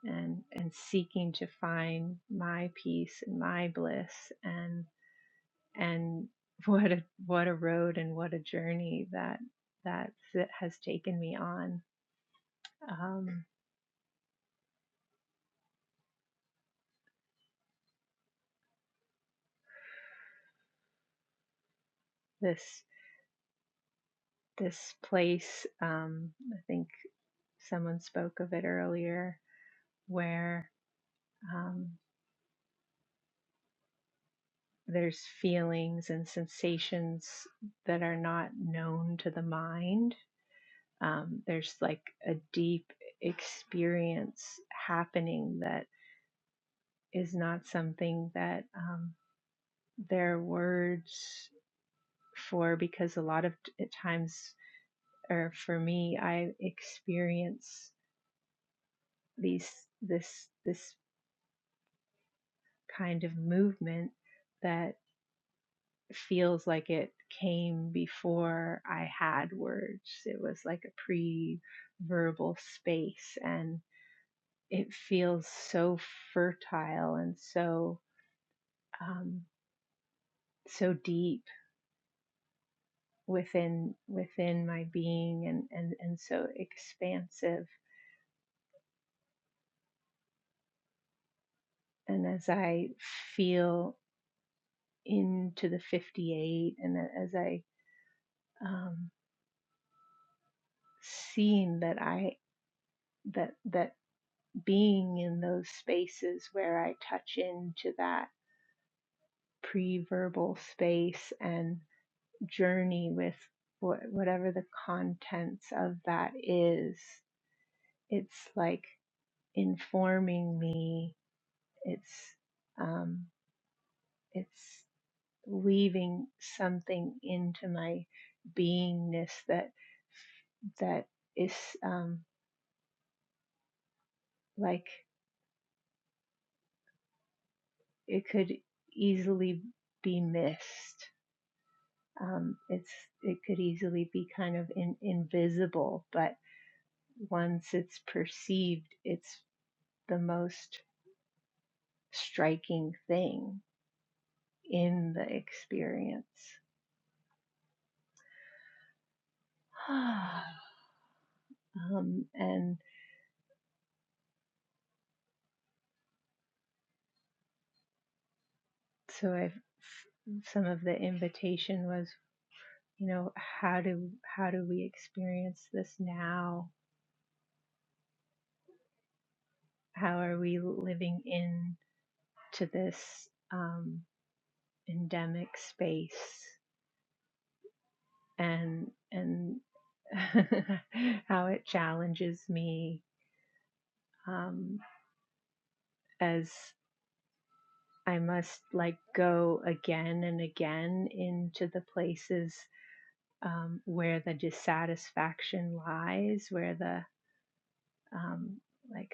and and seeking to find my peace and my bliss and and <laughs> what a what a road and what a journey that that has taken me on um, this this place. Um, I think someone spoke of it earlier, where um, there's feelings and sensations that are not known to the mind. Um, there's like a deep experience happening that is not something that um, there are words for because a lot of t- times or for me i experience these this this kind of movement that feels like it came before I had words. It was like a pre verbal space, and it feels so fertile and so um, so deep within within my being and, and and so expansive and as i feel into the 58 and as i um, seeing that i that that being in those spaces where I touch into that pre verbal space and journey with wh- whatever the contents of that is. It's like informing me, it's, um, it's weaving something into my beingness that, that is um, like it could easily be missed um, it's it could easily be kind of in, invisible, but once it's perceived, it's the most striking thing in the experience. <sighs> um, and so I've some of the invitation was, you know, how do how do we experience this now? How are we living in to this um, endemic space? and and <laughs> how it challenges me um, as I must like go again and again into the places um, where the dissatisfaction lies, where the um, like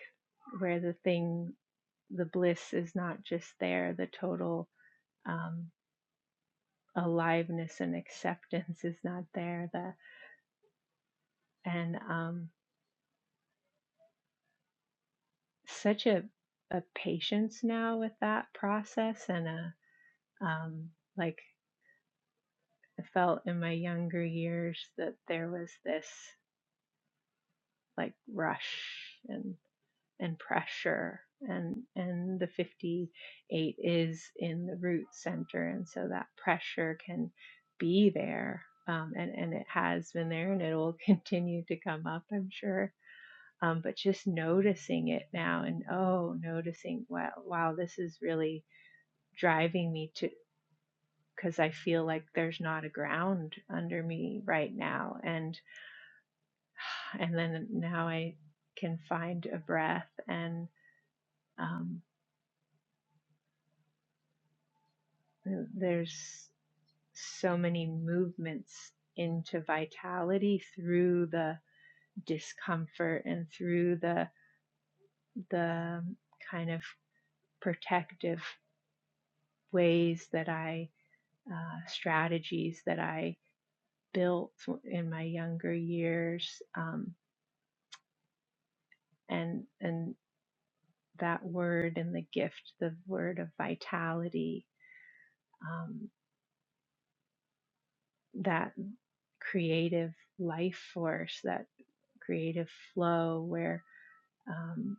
where the thing the bliss is not just there, the total um, aliveness and acceptance is not there, the and um, such a a patience now with that process and a um like I felt in my younger years that there was this like rush and and pressure and and the 58 is in the root center and so that pressure can be there um, and and it has been there and it will <laughs> continue to come up I'm sure um, but just noticing it now and oh noticing wow wow this is really driving me to because I feel like there's not a ground under me right now and and then now I can find a breath and um, there's so many movements into vitality through the discomfort and through the the kind of protective ways that I uh, strategies that I built in my younger years um, and and that word and the gift, the word of vitality, um, that creative life force, that creative flow where um,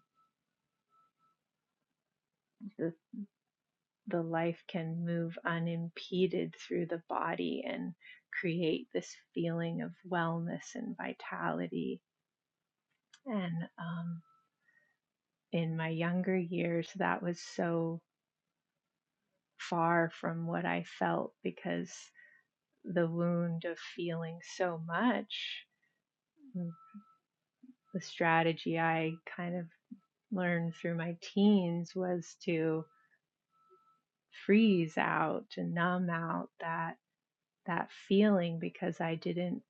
the, the life can move unimpeded through the body and create this feeling of wellness and vitality. And um, in my younger years, that was so far from what I felt because the wound of feeling so much. the strategy I kind of learned through my teens was to freeze out to numb out that that feeling because I didn't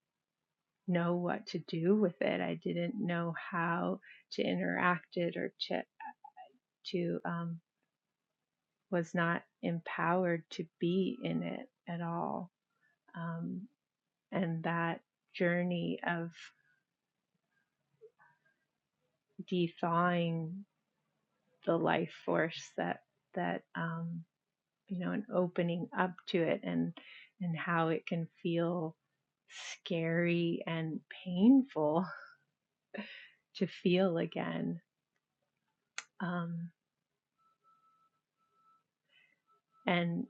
know what to do with it. I didn't know how to interact it or to to um, was not empowered to be in it at all. Um, and that journey of de-thawing the life force that that um, you know, and opening up to it and and how it can feel scary and painful <laughs> to feel again. Um, and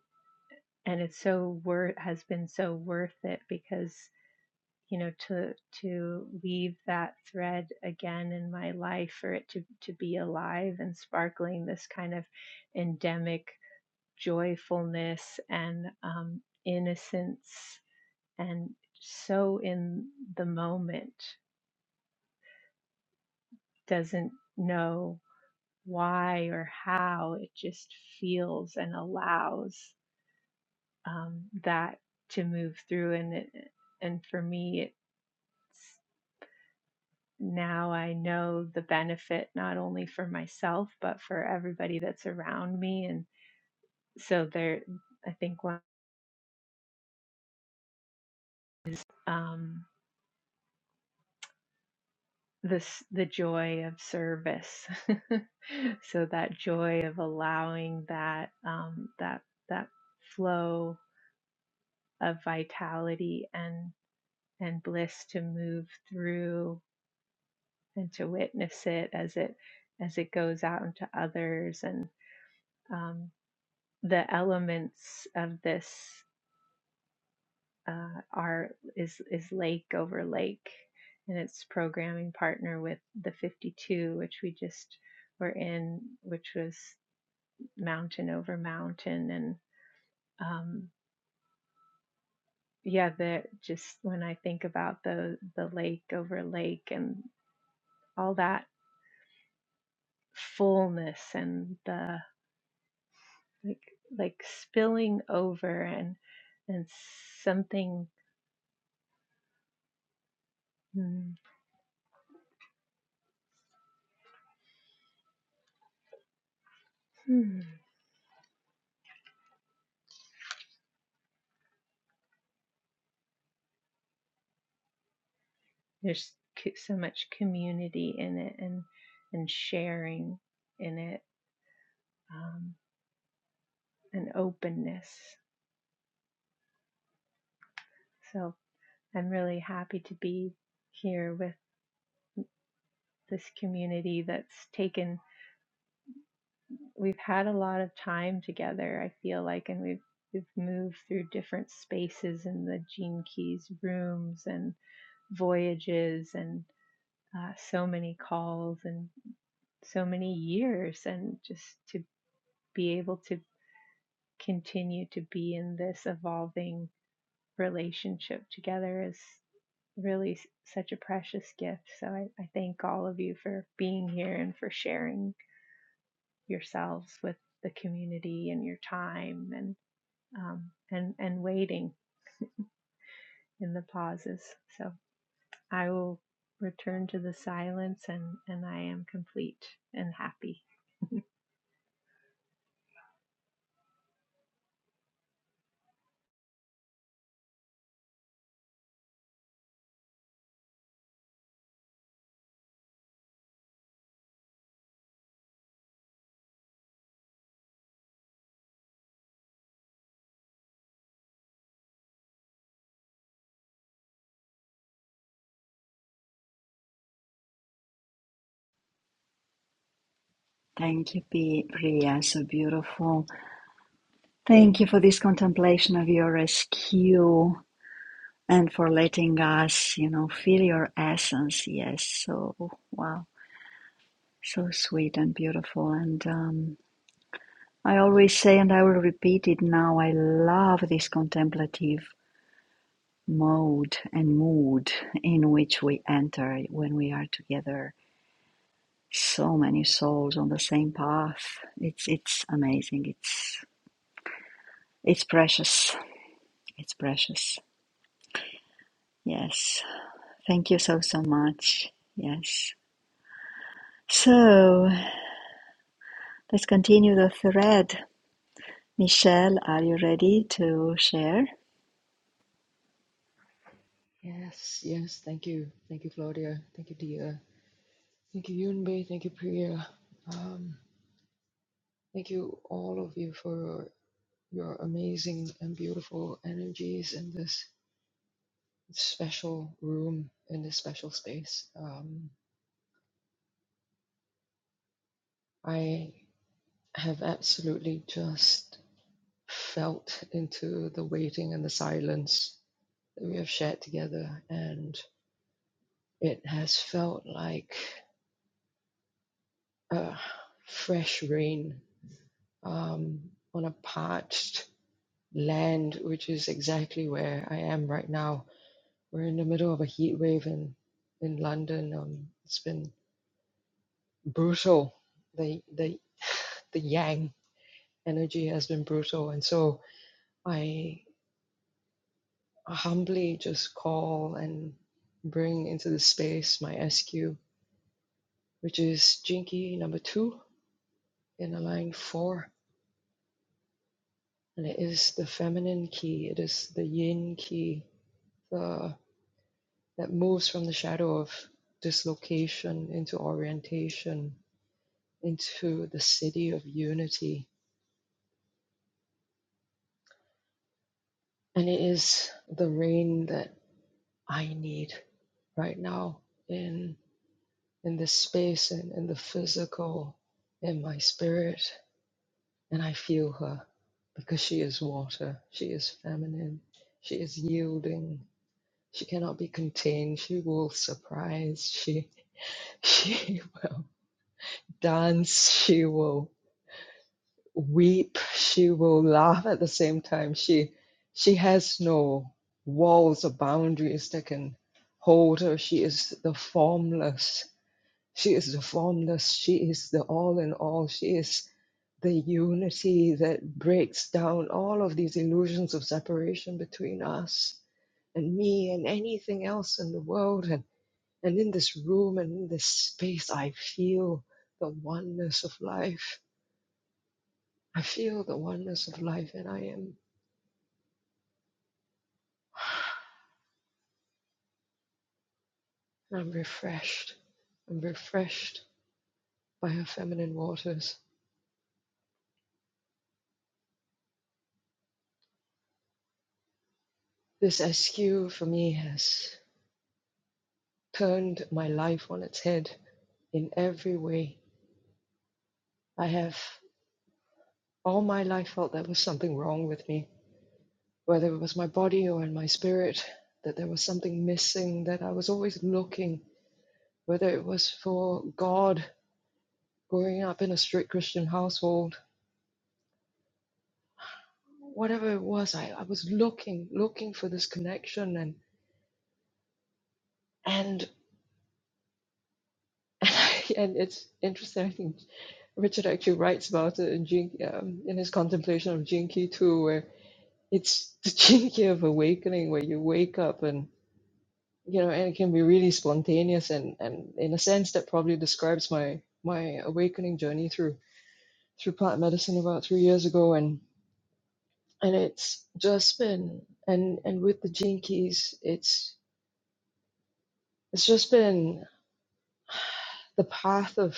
and it's so worth has been so worth it because you know to to weave that thread again in my life for it to to be alive and sparkling this kind of endemic joyfulness and um, innocence and so in the moment doesn't know why or how. It just feels and allows um, that to move through. And it, and for me, it's now I know the benefit not only for myself but for everybody that's around me. And so there, I think one. Um, this the joy of service <laughs> so that joy of allowing that um, that that flow of vitality and and bliss to move through and to witness it as it as it goes out into others and um, the elements of this uh, are is is lake over lake and its programming partner with the 52 which we just were in which was mountain over mountain and um, yeah the just when i think about the the lake over lake and all that fullness and the like like spilling over and and something mm, hmm, there's so much community in it and and sharing in it um, and openness so i'm really happy to be here with this community that's taken we've had a lot of time together i feel like and we've we've moved through different spaces in the gene keys rooms and. voyages and uh, so many calls and so many years and just to be able to continue to be in this evolving relationship together is really such a precious gift. So I, I thank all of you for being here and for sharing yourselves with the community and your time and um, and and waiting in the pauses. So I will return to the silence and, and I am complete and happy.
Thank you, P- Priya. So beautiful. Thank you for this contemplation of your rescue and for letting us, you know, feel your essence. Yes. So, wow. So sweet and beautiful. And um, I always say, and I will repeat it now, I love this contemplative mode and mood in which we enter when we are together so many souls on the same path. It's it's amazing. It's it's precious. It's precious. Yes. Thank you so so much. Yes. So let's continue the thread. Michelle, are you ready to share?
Yes, yes. Thank you. Thank you, Claudia. Thank you, Dia. Thank you, Yunbei. Thank you, Priya. Um, thank you, all of you, for your amazing and beautiful energies in this special room, in this special space. Um, I have absolutely just felt into the waiting and the silence that we have shared together, and it has felt like a fresh rain um, on a parched land, which is exactly where I am right now. We're in the middle of a heat wave in in London. Um, it's been brutal. The the the yang energy has been brutal, and so I humbly just call and bring into the space my SQ, which is Jinky number two in a line four, and it is the feminine key. It is the Yin key. the that moves from the shadow of dislocation into orientation, into the city of unity. And it is the rain that I need right now in in this space and in the physical, in my spirit. And I feel her because she is water. She is feminine. She is yielding. She cannot be contained. She will surprise. She <laughs> she will dance. She will weep she will laugh at the same time she she has no walls or boundaries that can hold her she is the formless she is the formless she is the all in all she is the unity that breaks down all of these illusions of separation between us and me and anything else in the world and and in this room and in this space i feel the oneness of life I feel the oneness of life and I am and I'm refreshed. I'm refreshed by her feminine waters. This SQ for me has turned my life on its head in every way. I have all my life felt there was something wrong with me, whether it was my body or in my spirit, that there was something missing, that I was always looking, whether it was for God growing up in a strict Christian household whatever it was I, I was looking looking for this connection and and <laughs> and, I, and it's interesting I think Richard actually writes about it in Jin, um, in his contemplation of Jinki too where it's <laughs> the Jinki of awakening where you wake up and you know and it can be really spontaneous and and in a sense that probably describes my my awakening journey through through plant medicine about three years ago and and it's just been and and with the Jinkies it's it's just been the path of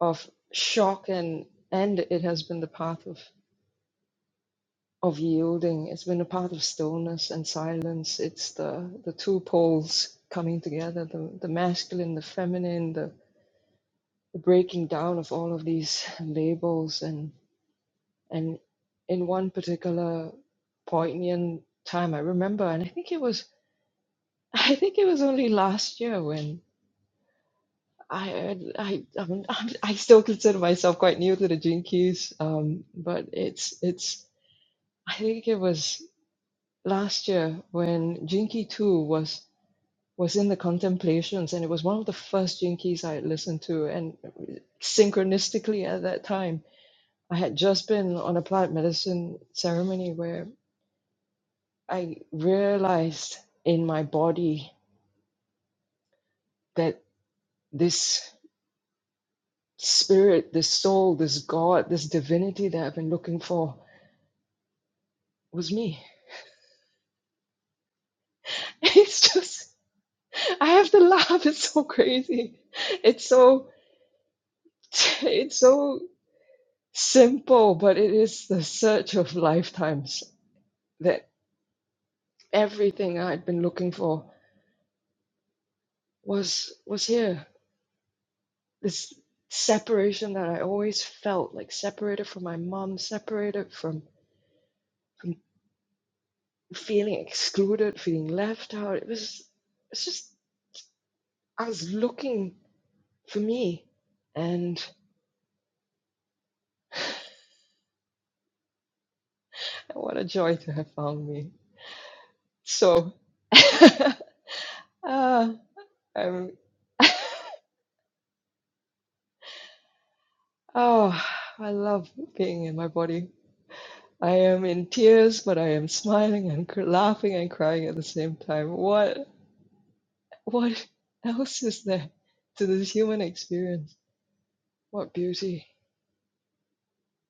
of shock and and it has been the path of of yielding it's been a path of stillness and silence it's the the two poles coming together the the masculine the feminine the, the breaking down of all of these labels and and in one particular poignant time i remember and i think it was <laughs> i think it was only last year when. I I I'm, I'm, I still consider myself quite new to the Jinkies, um, but it's it's I think it was last year when Jinky Two was was in the contemplations, and it was one of the first Jinkies I had listened to, and synchronistically at that time I had just been on a plant medicine ceremony where I realized in my body that this spirit, this soul, this God, this divinity that I've been looking for was me. <laughs> It's just I have to laugh. It's so crazy. It's so it's so simple, but it is the search of lifetimes that everything I'd been looking for was was here. This separation that I always felt like separated from my mom, separated from, from feeling excluded, feeling left out. It was it's just I was looking for me and what a joy to have found me. So, <laughs> ah, I'm, <laughs> oh, I love being in my body. I am in tears, but I am smiling and cr- laughing and crying at the same time. What, what else is there to this human experience? What beauty,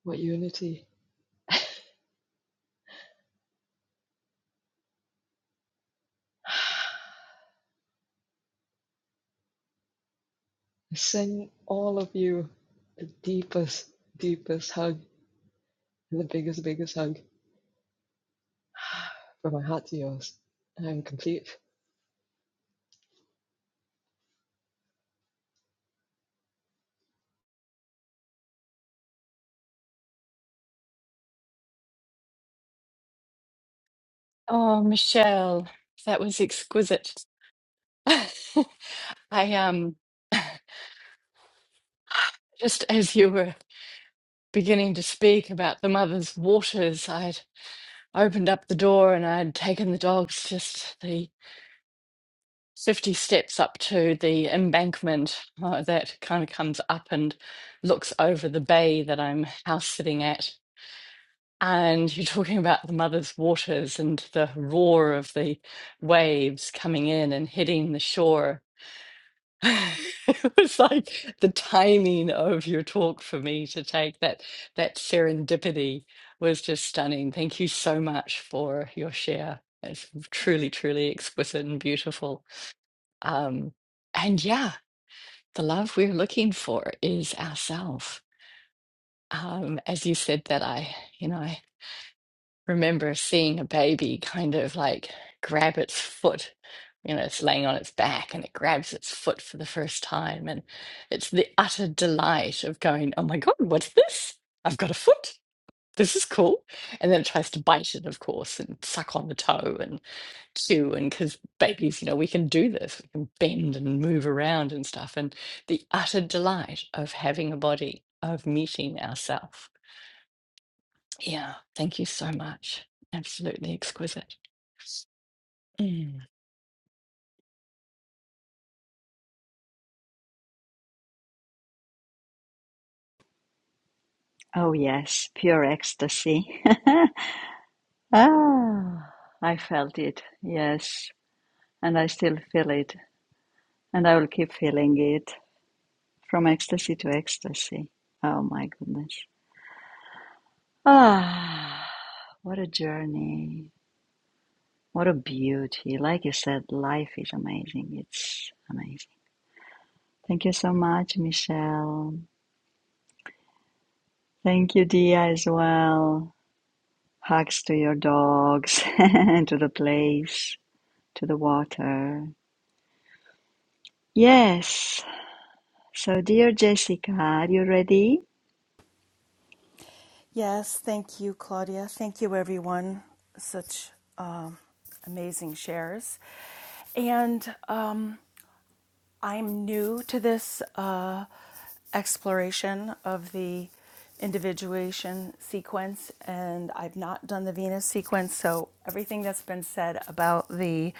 what unity. I send all of you the deepest, deepest hug and the biggest, biggest hug <sighs> from my heart to yours. I'm complete.
Oh, Michelle, that was exquisite. <laughs> I um <sighs> just as you were beginning to speak about the mother's waters, I'd opened up the door and I'd taken the dogs just the 50 steps up to the embankment uh, that kind of comes up and looks over the bay that I'm house sitting at. And you're talking about the mother's waters and the roar of the waves coming in and hitting the shore. <laughs> It was like the timing of your talk for me to take that that serendipity was just stunning. Thank you so much for your share. It's truly, truly exquisite and beautiful. Um, and yeah, the love we're looking for is ourself. Um, as you said that, I, you know. remember seeing a baby kind of like grab its foot. You know, it's laying on its back and it grabs its foot for the first time. And it's the utter delight of going, oh my God, what's this? I've got a foot. This is cool. And then it tries to bite it, of course, and suck on the toe and chew. And because babies, you know, we can do this, we can bend and move around and stuff. And the utter delight of having a body, of meeting ourselves. Yeah, thank you so much. Absolutely exquisite. Mm.
Oh yes, pure ecstasy. <laughs> ah, I felt it. Yes, and I still feel it, and I will keep feeling it from ecstasy to ecstasy. Oh my goodness. Ah. What a journey. What a beauty. Like you said, life is amazing. It's amazing. Thank you so much, Michelle. Thank you, Dia, as well. Hugs to your dogs, <laughs> to the place, to the water. Yes. So, dear Jessica, are you ready?
Yes, thank you, Claudia. Thank you, everyone. Such um, amazing shares. And um, I'm new to this uh, exploration of the individuation sequence, and I've not done the Venus sequence. So everything that's been said about the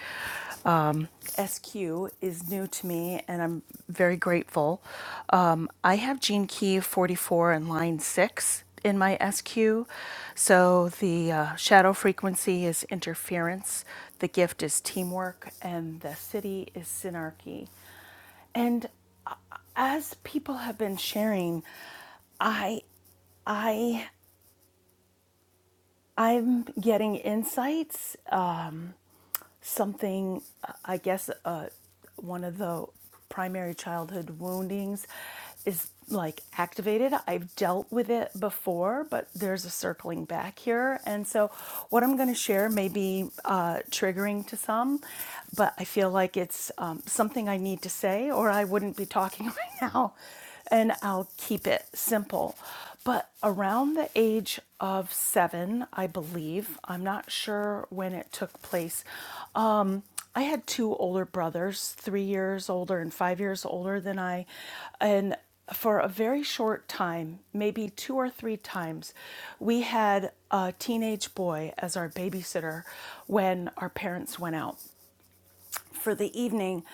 um, SQ is new to me, and I'm very grateful. Um, I have gene key 44 and line 6 in my SQ. So the uh, shadow frequency is interference, the gift is teamwork, and the city is synarchy. And uh, as people have been sharing, I, I, I'm getting insights Um, something, uh, I guess, uh, one of the primary childhood woundings is like activated. I've dealt with it before, but there's a circling back here. And so, what I'm going to share may be uh, triggering to some, but I feel like it's um, something I need to say, or I wouldn't be talking <laughs> right now and I'll keep it simple. But around the age of seven, I believe, I'm not sure when it took place, um, I had two older brothers, three years older and five years older than I. And for a very short time, maybe two or three times, we had a teenage boy as our babysitter when our parents went out for the evening.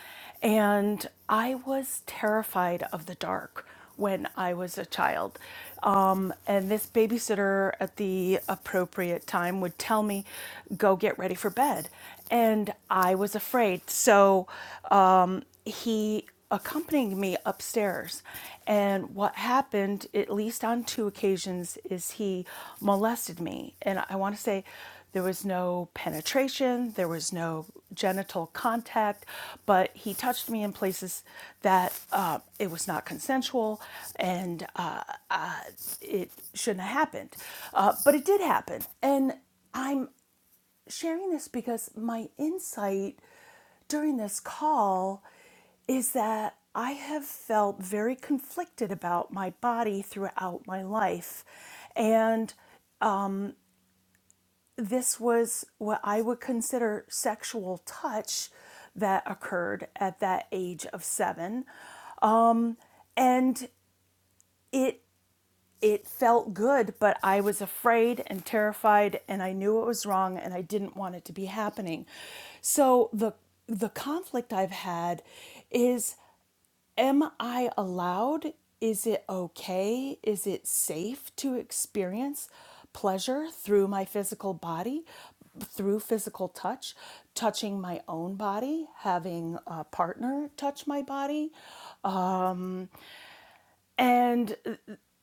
And I was terrified of the dark when I was a child. Um, and this babysitter at the appropriate time would tell me, go get ready for bed. And I was afraid. So um, he accompanied me upstairs and what happened at least on two occasions is he molested me and i want to say there was no penetration there was no genital contact but he touched me in places that uh, it was not consensual and uh, it shouldn't have happened uh, but it did happen and I'm sharing this because my insight during this call is that I have felt very conflicted about my body throughout my life. And this was what I would consider sexual touch that occurred at that age of seven. Um, and it it felt good, but I was afraid and terrified and I knew it was wrong and I didn't want it to be happening. So the the conflict I've had is am I allowed? Is it okay? Is it safe to experience pleasure through my physical body, through physical touch, touching my own body, having a partner touch my body? and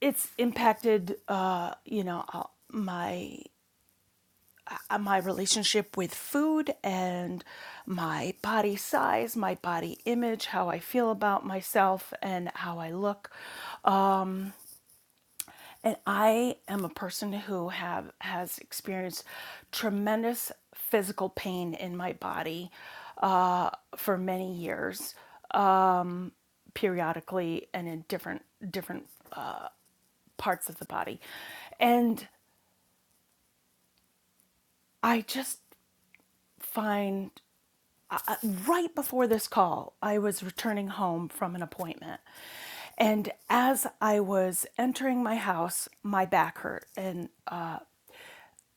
it's impacted uh, you know uh, my uh, my relationship with food and my body size my body image how i feel about myself and how i look and i am a person who have has experienced tremendous physical pain in my body uh, for many years um, periodically and in different different uh, parts of the body and I just find I, right before this call, I was returning home from an appointment. And as I was entering my house, my back hurt and uh,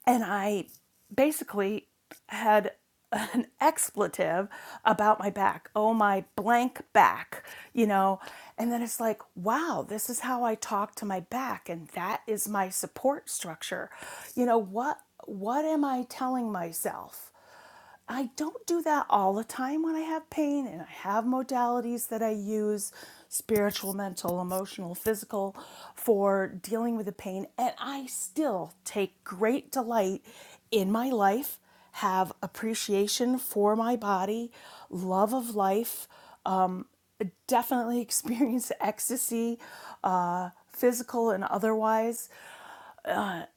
and I basically had an expletive about my back. Oh my blank back, you know. And then it's like, wow, this is how I talk to my back and that is my support structure. You know, what what am I telling myself? I don't do that all the time when I have pain, and I have modalities that I use spiritual, mental, emotional, physical for dealing with the pain. And I still take great delight in my life, have appreciation for my body, love of life, uh, definitely <laughs> experience ecstasy, uh, physical and otherwise,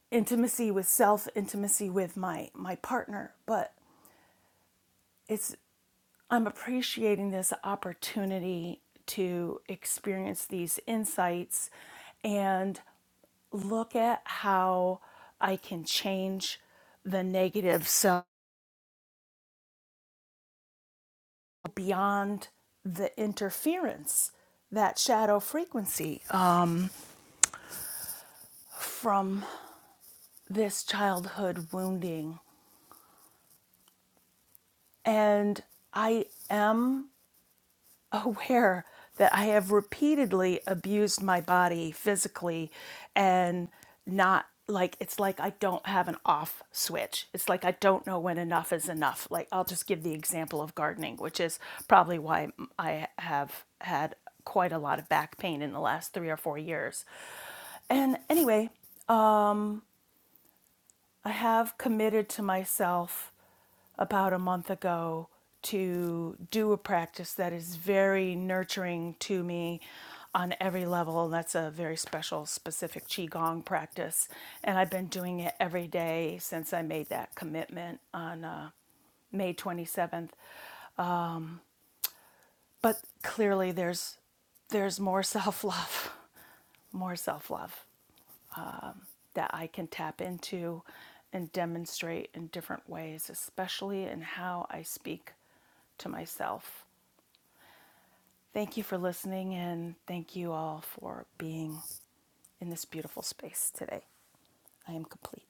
intimacy with self, intimacy with my, my partner. But it's I'm appreciating this opportunity to experience these insights and look at how I can change the negative self beyond the interference, that shadow frequency um, from this childhood wounding. And I am aware that I have repeatedly abused my body physically and not like it's like I don't have an off switch. It's like I don't know when enough is enough. Like I'll just give the example of gardening, which is probably why I have had quite a lot of back pain in the last 3 or 4 years. And anyway, I have committed to myself about a month ago to do a practice that is very nurturing to me on every level. And that's a very special, specific Qigong practice. And I've been doing it every day since I made that commitment on uh, May 27th. But clearly, there's there's more self love, <laughs> more self love. that I can tap into and demonstrate in different ways, especially in how I speak to myself. Thank you for listening and thank you all for being in this beautiful space today. I am complete.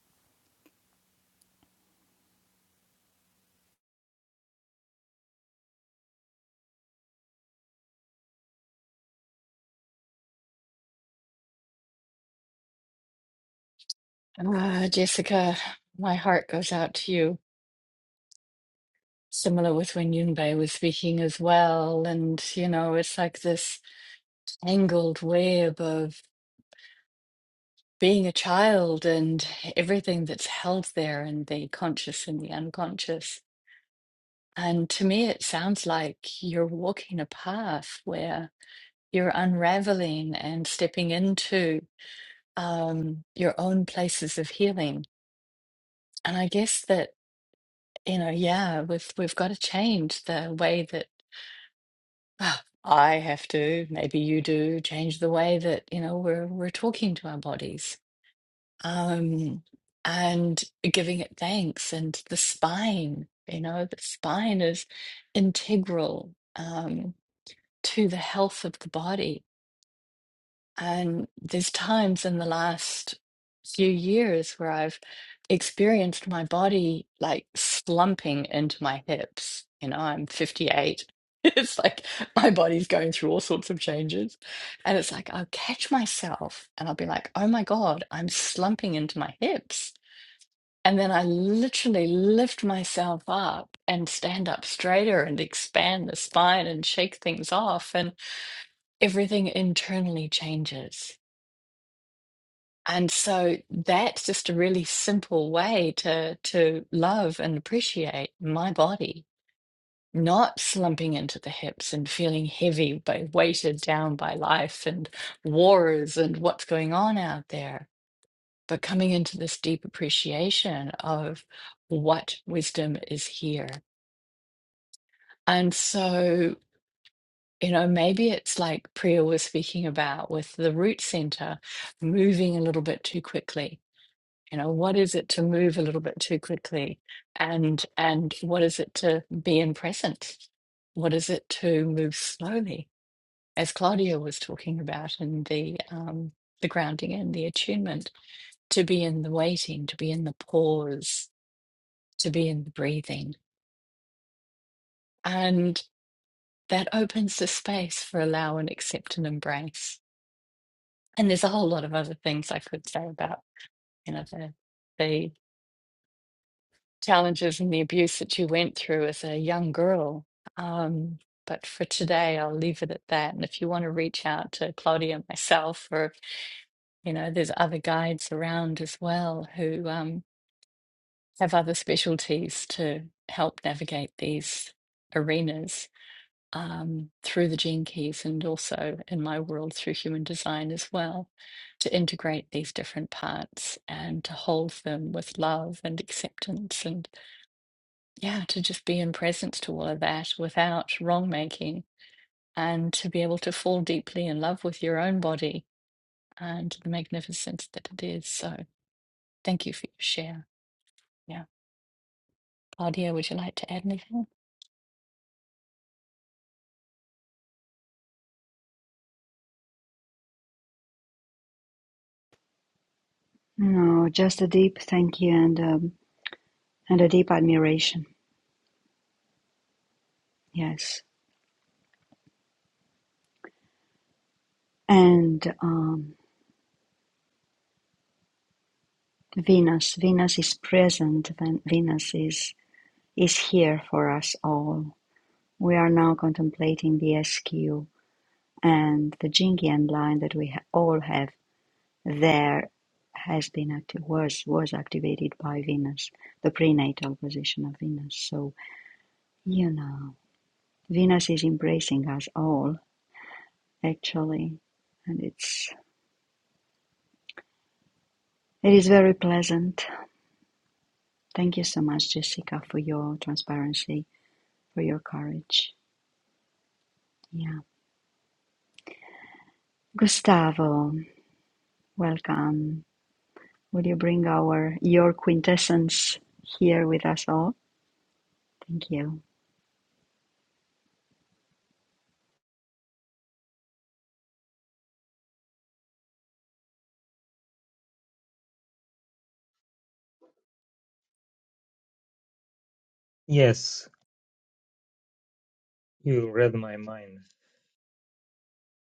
Ah, Jessica, my heart goes out to you. Similar with when Yunbei was speaking as well. And, you know, it's like this angled web of being a child and everything that's held there and the conscious and the unconscious. And to me, it sounds like you're walking a path where you're unraveling and stepping into um, your own places of healing And I guess that, you know, yeah, we've we've got to change the way that ah, I have to, maybe you do, change the way that, you know, we're we're talking to our bodies. Um, and giving it thanks and the spine, you know, the spine is integral um to the health of the body. And there's times in the last few years where I've experienced my body like slumping into my hips. You know, I'm 58. <laughs> It's like my body's going through all sorts of changes. And it's like I'll catch myself and I'll be like, oh my God, I'm slumping into my hips. And then I literally lift myself up and stand up straighter and expand the spine and shake things off. And everything internally changes and so that's just a really simple way to to love and appreciate my body, not slumping into the hips and feeling heavy by weighted down by life and wars and what's going on out there, but coming into this deep appreciation of what wisdom is here. And so, you know, maybe it's like Priya was speaking about with the root center moving a little bit too quickly you know what is it to move a little bit too quickly and and what is it to be in present what is it to move slowly as claudia was talking about in the um the grounding and the attunement to be in the waiting to be in the pause to be in the breathing and that opens the space for allow and accept and embrace and there's a whole lot of other things i could say about you know the the challenges and the abuse that you went through as a young girl. Um, but for today, I'll leave it at that. And if you want to reach out to Claudia and myself, or you know, there's other guides around as well who um, have other specialties to help navigate these arenas um, through the gene keys, and also in my world through human design as well, to integrate these different parts and to hold them with love and acceptance and yeah, to just be in presence to all of that without wrong making and to be able to fall deeply in love with your own body and the magnificence that it is. So thank you for your share. Yeah. Claudia, would you like to add anything?
No, just a deep thank you and um, and a deep admiration. Yes, and um, Venus. Venus is present. Venus is is here for us all. We are now contemplating the SQ and the Jingian line that we ha- all have there has been active was was activated by Venus, the prenatal position of Venus. So you know, Venus is embracing us all actually, and it's it is very pleasant. Thank you so much, Jessica, for your transparency, for your courage. Yeah, Gustavo, welcome. Will you bring our your quintessence here with us all? Thank you.
Yes, you read my mind,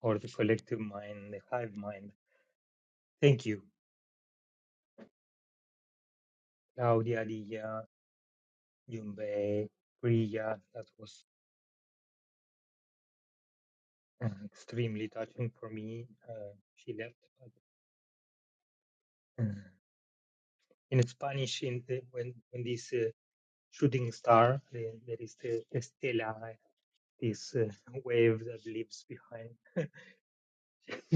or the collective mind, the hive mind. Thank you, Claudia, Lia, Jumbe, Priya. That was uh, extremely touching for me. Uh, she left. But, uh, in Spanish, in the, when when this uh, shooting star, the, there is the estela, this uh, <laughs> wave that leaves behind. <laughs>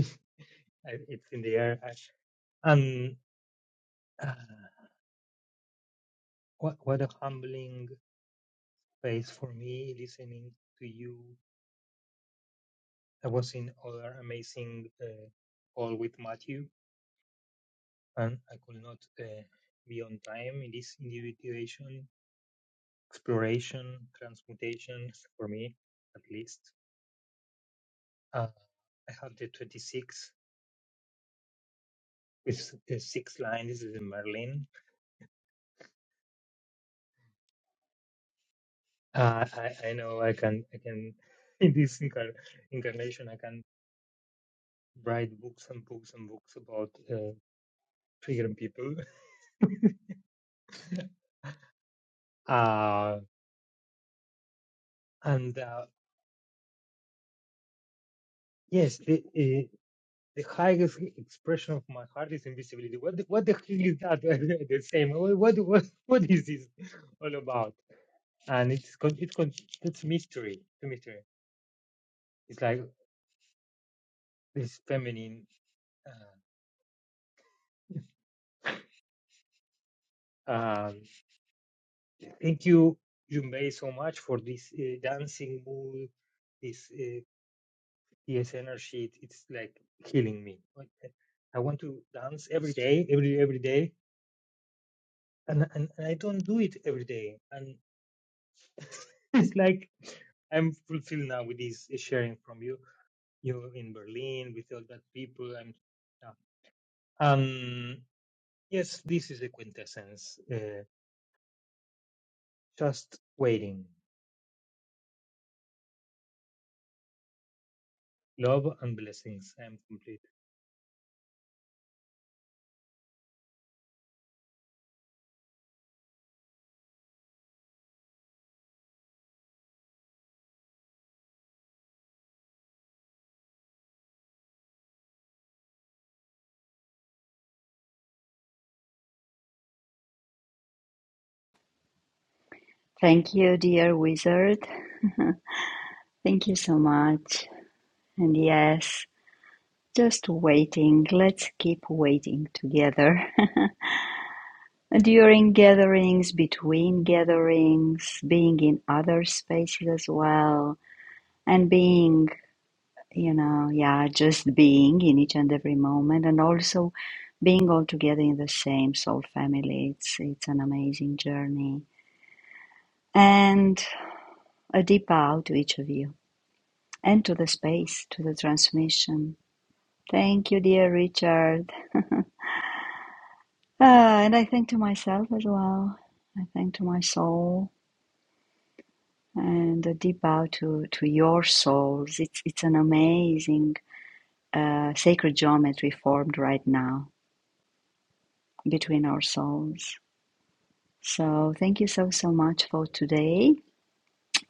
I- it's in the air. I- And uh, what what a humbling space for me listening to you. I was in other amazing uh, call with Matthew, and I could not uh, be on time in this individuation, exploration, transmutation for me, at least. Uh, I have the 26 with the six line. This is in Merlin. Uh, I, I know I can I can <laughs> in this incar- incarnation I can write books and books and books about uh, triggering people. <laughs> Uh, and uh, Yes, the, uh, the highest expression of my heart is invisibility. What the, what the hell is that? <laughs> the same. What, what what what is this all about? And it's con- it's con- it's mystery. It's mystery. It's like this feminine. Uh, um, thank you, you so much for this uh, dancing mood, this uh, yes energy. It, it's like healing me. Like, uh, I want to dance every day, every every day, and and, and I don't do it every day. <laughs> it's like I'm fulfilled now with this uh, sharing from you. You're in Berlin with all that people. I'm, yeah. um, yes, this is a quintessence. Uh, just waiting, love and blessings. I'm completely.
Thank you, dear wizard. Thank you so much. And yes, just waiting. Let's keep waiting together. <laughs> During gatherings, between gatherings, being in other spaces as well, and being, you know, yeah, just being in each and every moment, and also being all together in the same soul family. It's, it's an amazing journey And a deep bow to each of you and to the space, to the transmission. Thank you, dear Richard. <laughs> Ah, and I thank to myself as well. I thank to my soul and a deep bow to, to your souls. It's, it's an amazing uh, sacred geometry formed right now between our souls. So thank you so, so much for today.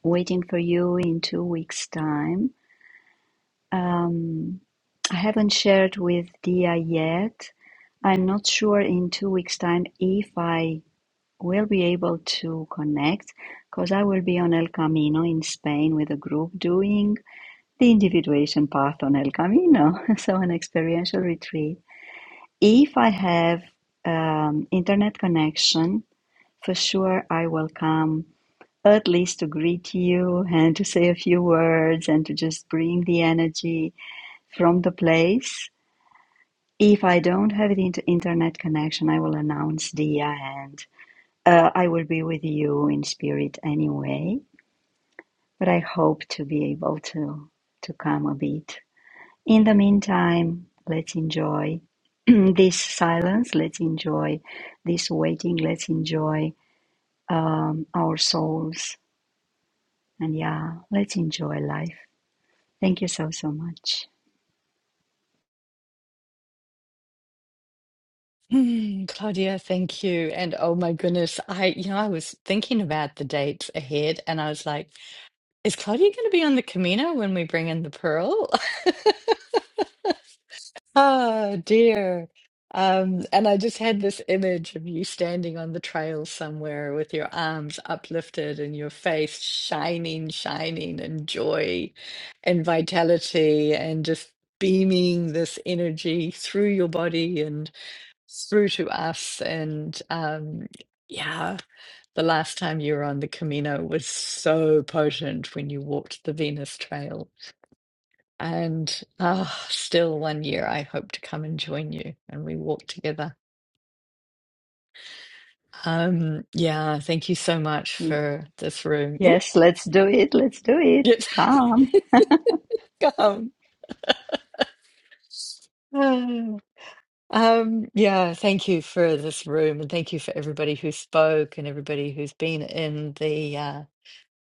Waiting for you in two weeks' time Um, I haven't shared with Dia yet. I'm not sure in two weeks' time if I will be able to connect because I will be on El Camino in Spain with a group doing the individuation path on El Camino, <laughs> so an experiential retreat. If I have um, internet connection, for sure I will come at least to greet you and to say a few words and to just bring the energy from the place If I don't have the inter- internet connection, I will announce the and uh, I will be with you in spirit anyway. But I hope to be able to to come a bit. In the meantime, let's enjoy <clears throat> this silence. Let's enjoy this waiting. Let's enjoy um, our souls. And yeah, let's enjoy life. Thank you so so much.
Hmm, Claudia, thank you. And oh my goodness, I, you know, I was thinking about the dates ahead and I was like, is Claudia going to be on the Camino when we bring in the Pearl? <laughs> Oh dear. Um, and I just had this image of you standing on the trail somewhere with your arms uplifted and your face shining, shining, and joy and vitality, and just beaming this energy through your body and through to us. And um, yeah, the last time you were on the Camino was so potent when you walked the Venus Trail. And ah, still one year, I hope to come and join you and we walk together. Um, yeah, thank you so much
Y-
for this room. Oh,
Yes, let's do it. Let's do it.
yes,
Come.
<laughs> come. Ah. Um, yeah, thank you for this room and thank you for everybody who spoke and everybody who's been in the uh,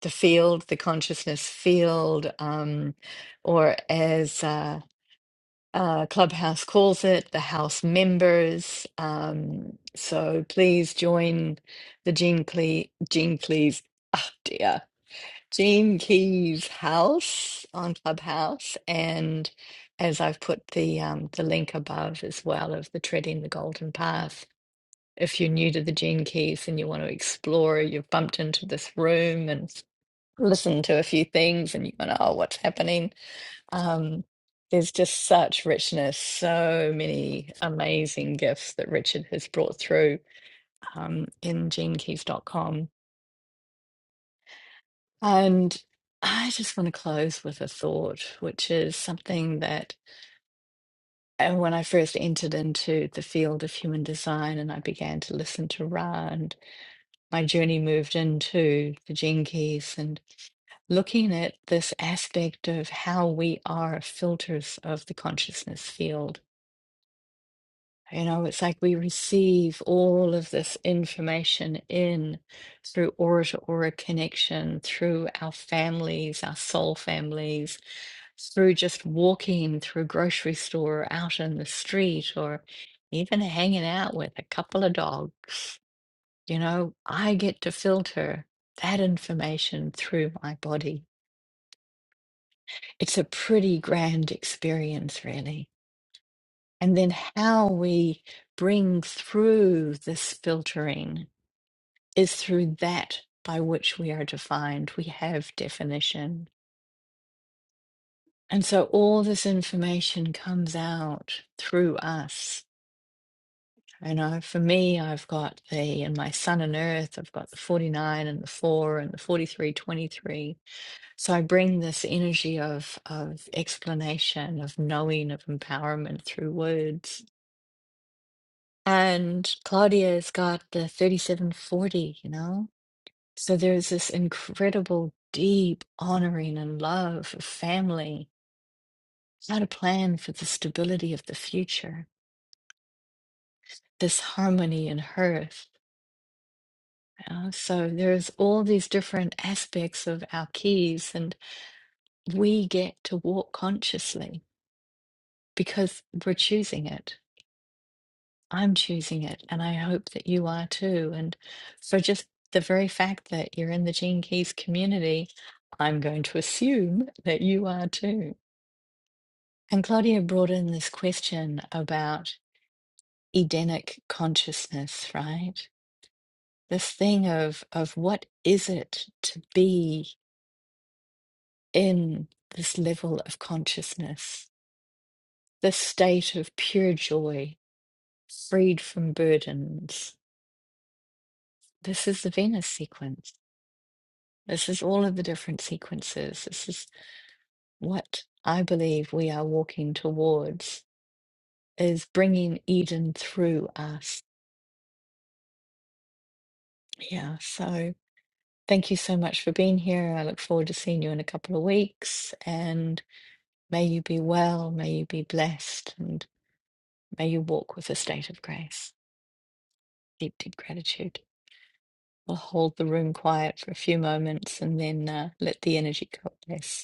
the field, the consciousness field, um, or as uh, uh, Clubhouse calls it, the House members. Um, so please join the Gene Cle Gene Cleese, oh dear, Gene Keys House on Clubhouse, and as I've put the um, the link above as well of the Treading the Golden Path. If you're new to the Gene Keys and you want to explore, you've bumped into this room and listened to a few things, and you want to, oh, what's happening? Um, there's just such richness, so many amazing gifts that Richard has brought through um, in genekeys.com. And I just want to close with a thought, which is something that and when I first entered into the field of human design and I began to listen to Ra, and my journey moved into the gene keys and looking at this aspect of how we are filters of the consciousness field You know, it's like we receive all of this information in through aura to aura connection, through our families, our soul families, through just walking through a grocery store, or out in the street, or even hanging out with a couple of dogs. You know, I get to filter that information through my body. It's a pretty grand experience, really. And then how we bring through this filtering is through that by which we are defined. We have definition. And so all this information comes out through us. You know, for me, I've got the, and my sun and earth, I've got the 49 and the 4 and the 43 23. So I bring this energy of, of explanation, of knowing, of empowerment through words And Claudia's got the 3740, you know? So there's this incredible, deep honoring and love of family, how to plan for the stability of the future, this harmony in hearth. you know? So there's all these different aspects of our keys, and we get to walk consciously because we're choosing it. I'm choosing it, and I hope that you are too. And so, just the very fact that you're in the Gene Keys community, I'm going to assume that you are too. And Claudia brought in this question about Edenic consciousness, right? This thing of of what is it to be in this level of consciousness, this state of pure joy, freed from burdens. This is the Venus sequence This is all of the different sequences. This is what I believe we are walking towards is bringing Eden through us. Yeah, so thank you so much for being here. I look forward to seeing you in a couple of weeks and may you be well, may you be blessed and may you walk with a state of grace. Deep, deep gratitude. We'll hold the room quiet for a few moments and then uh, let the energy coalesce.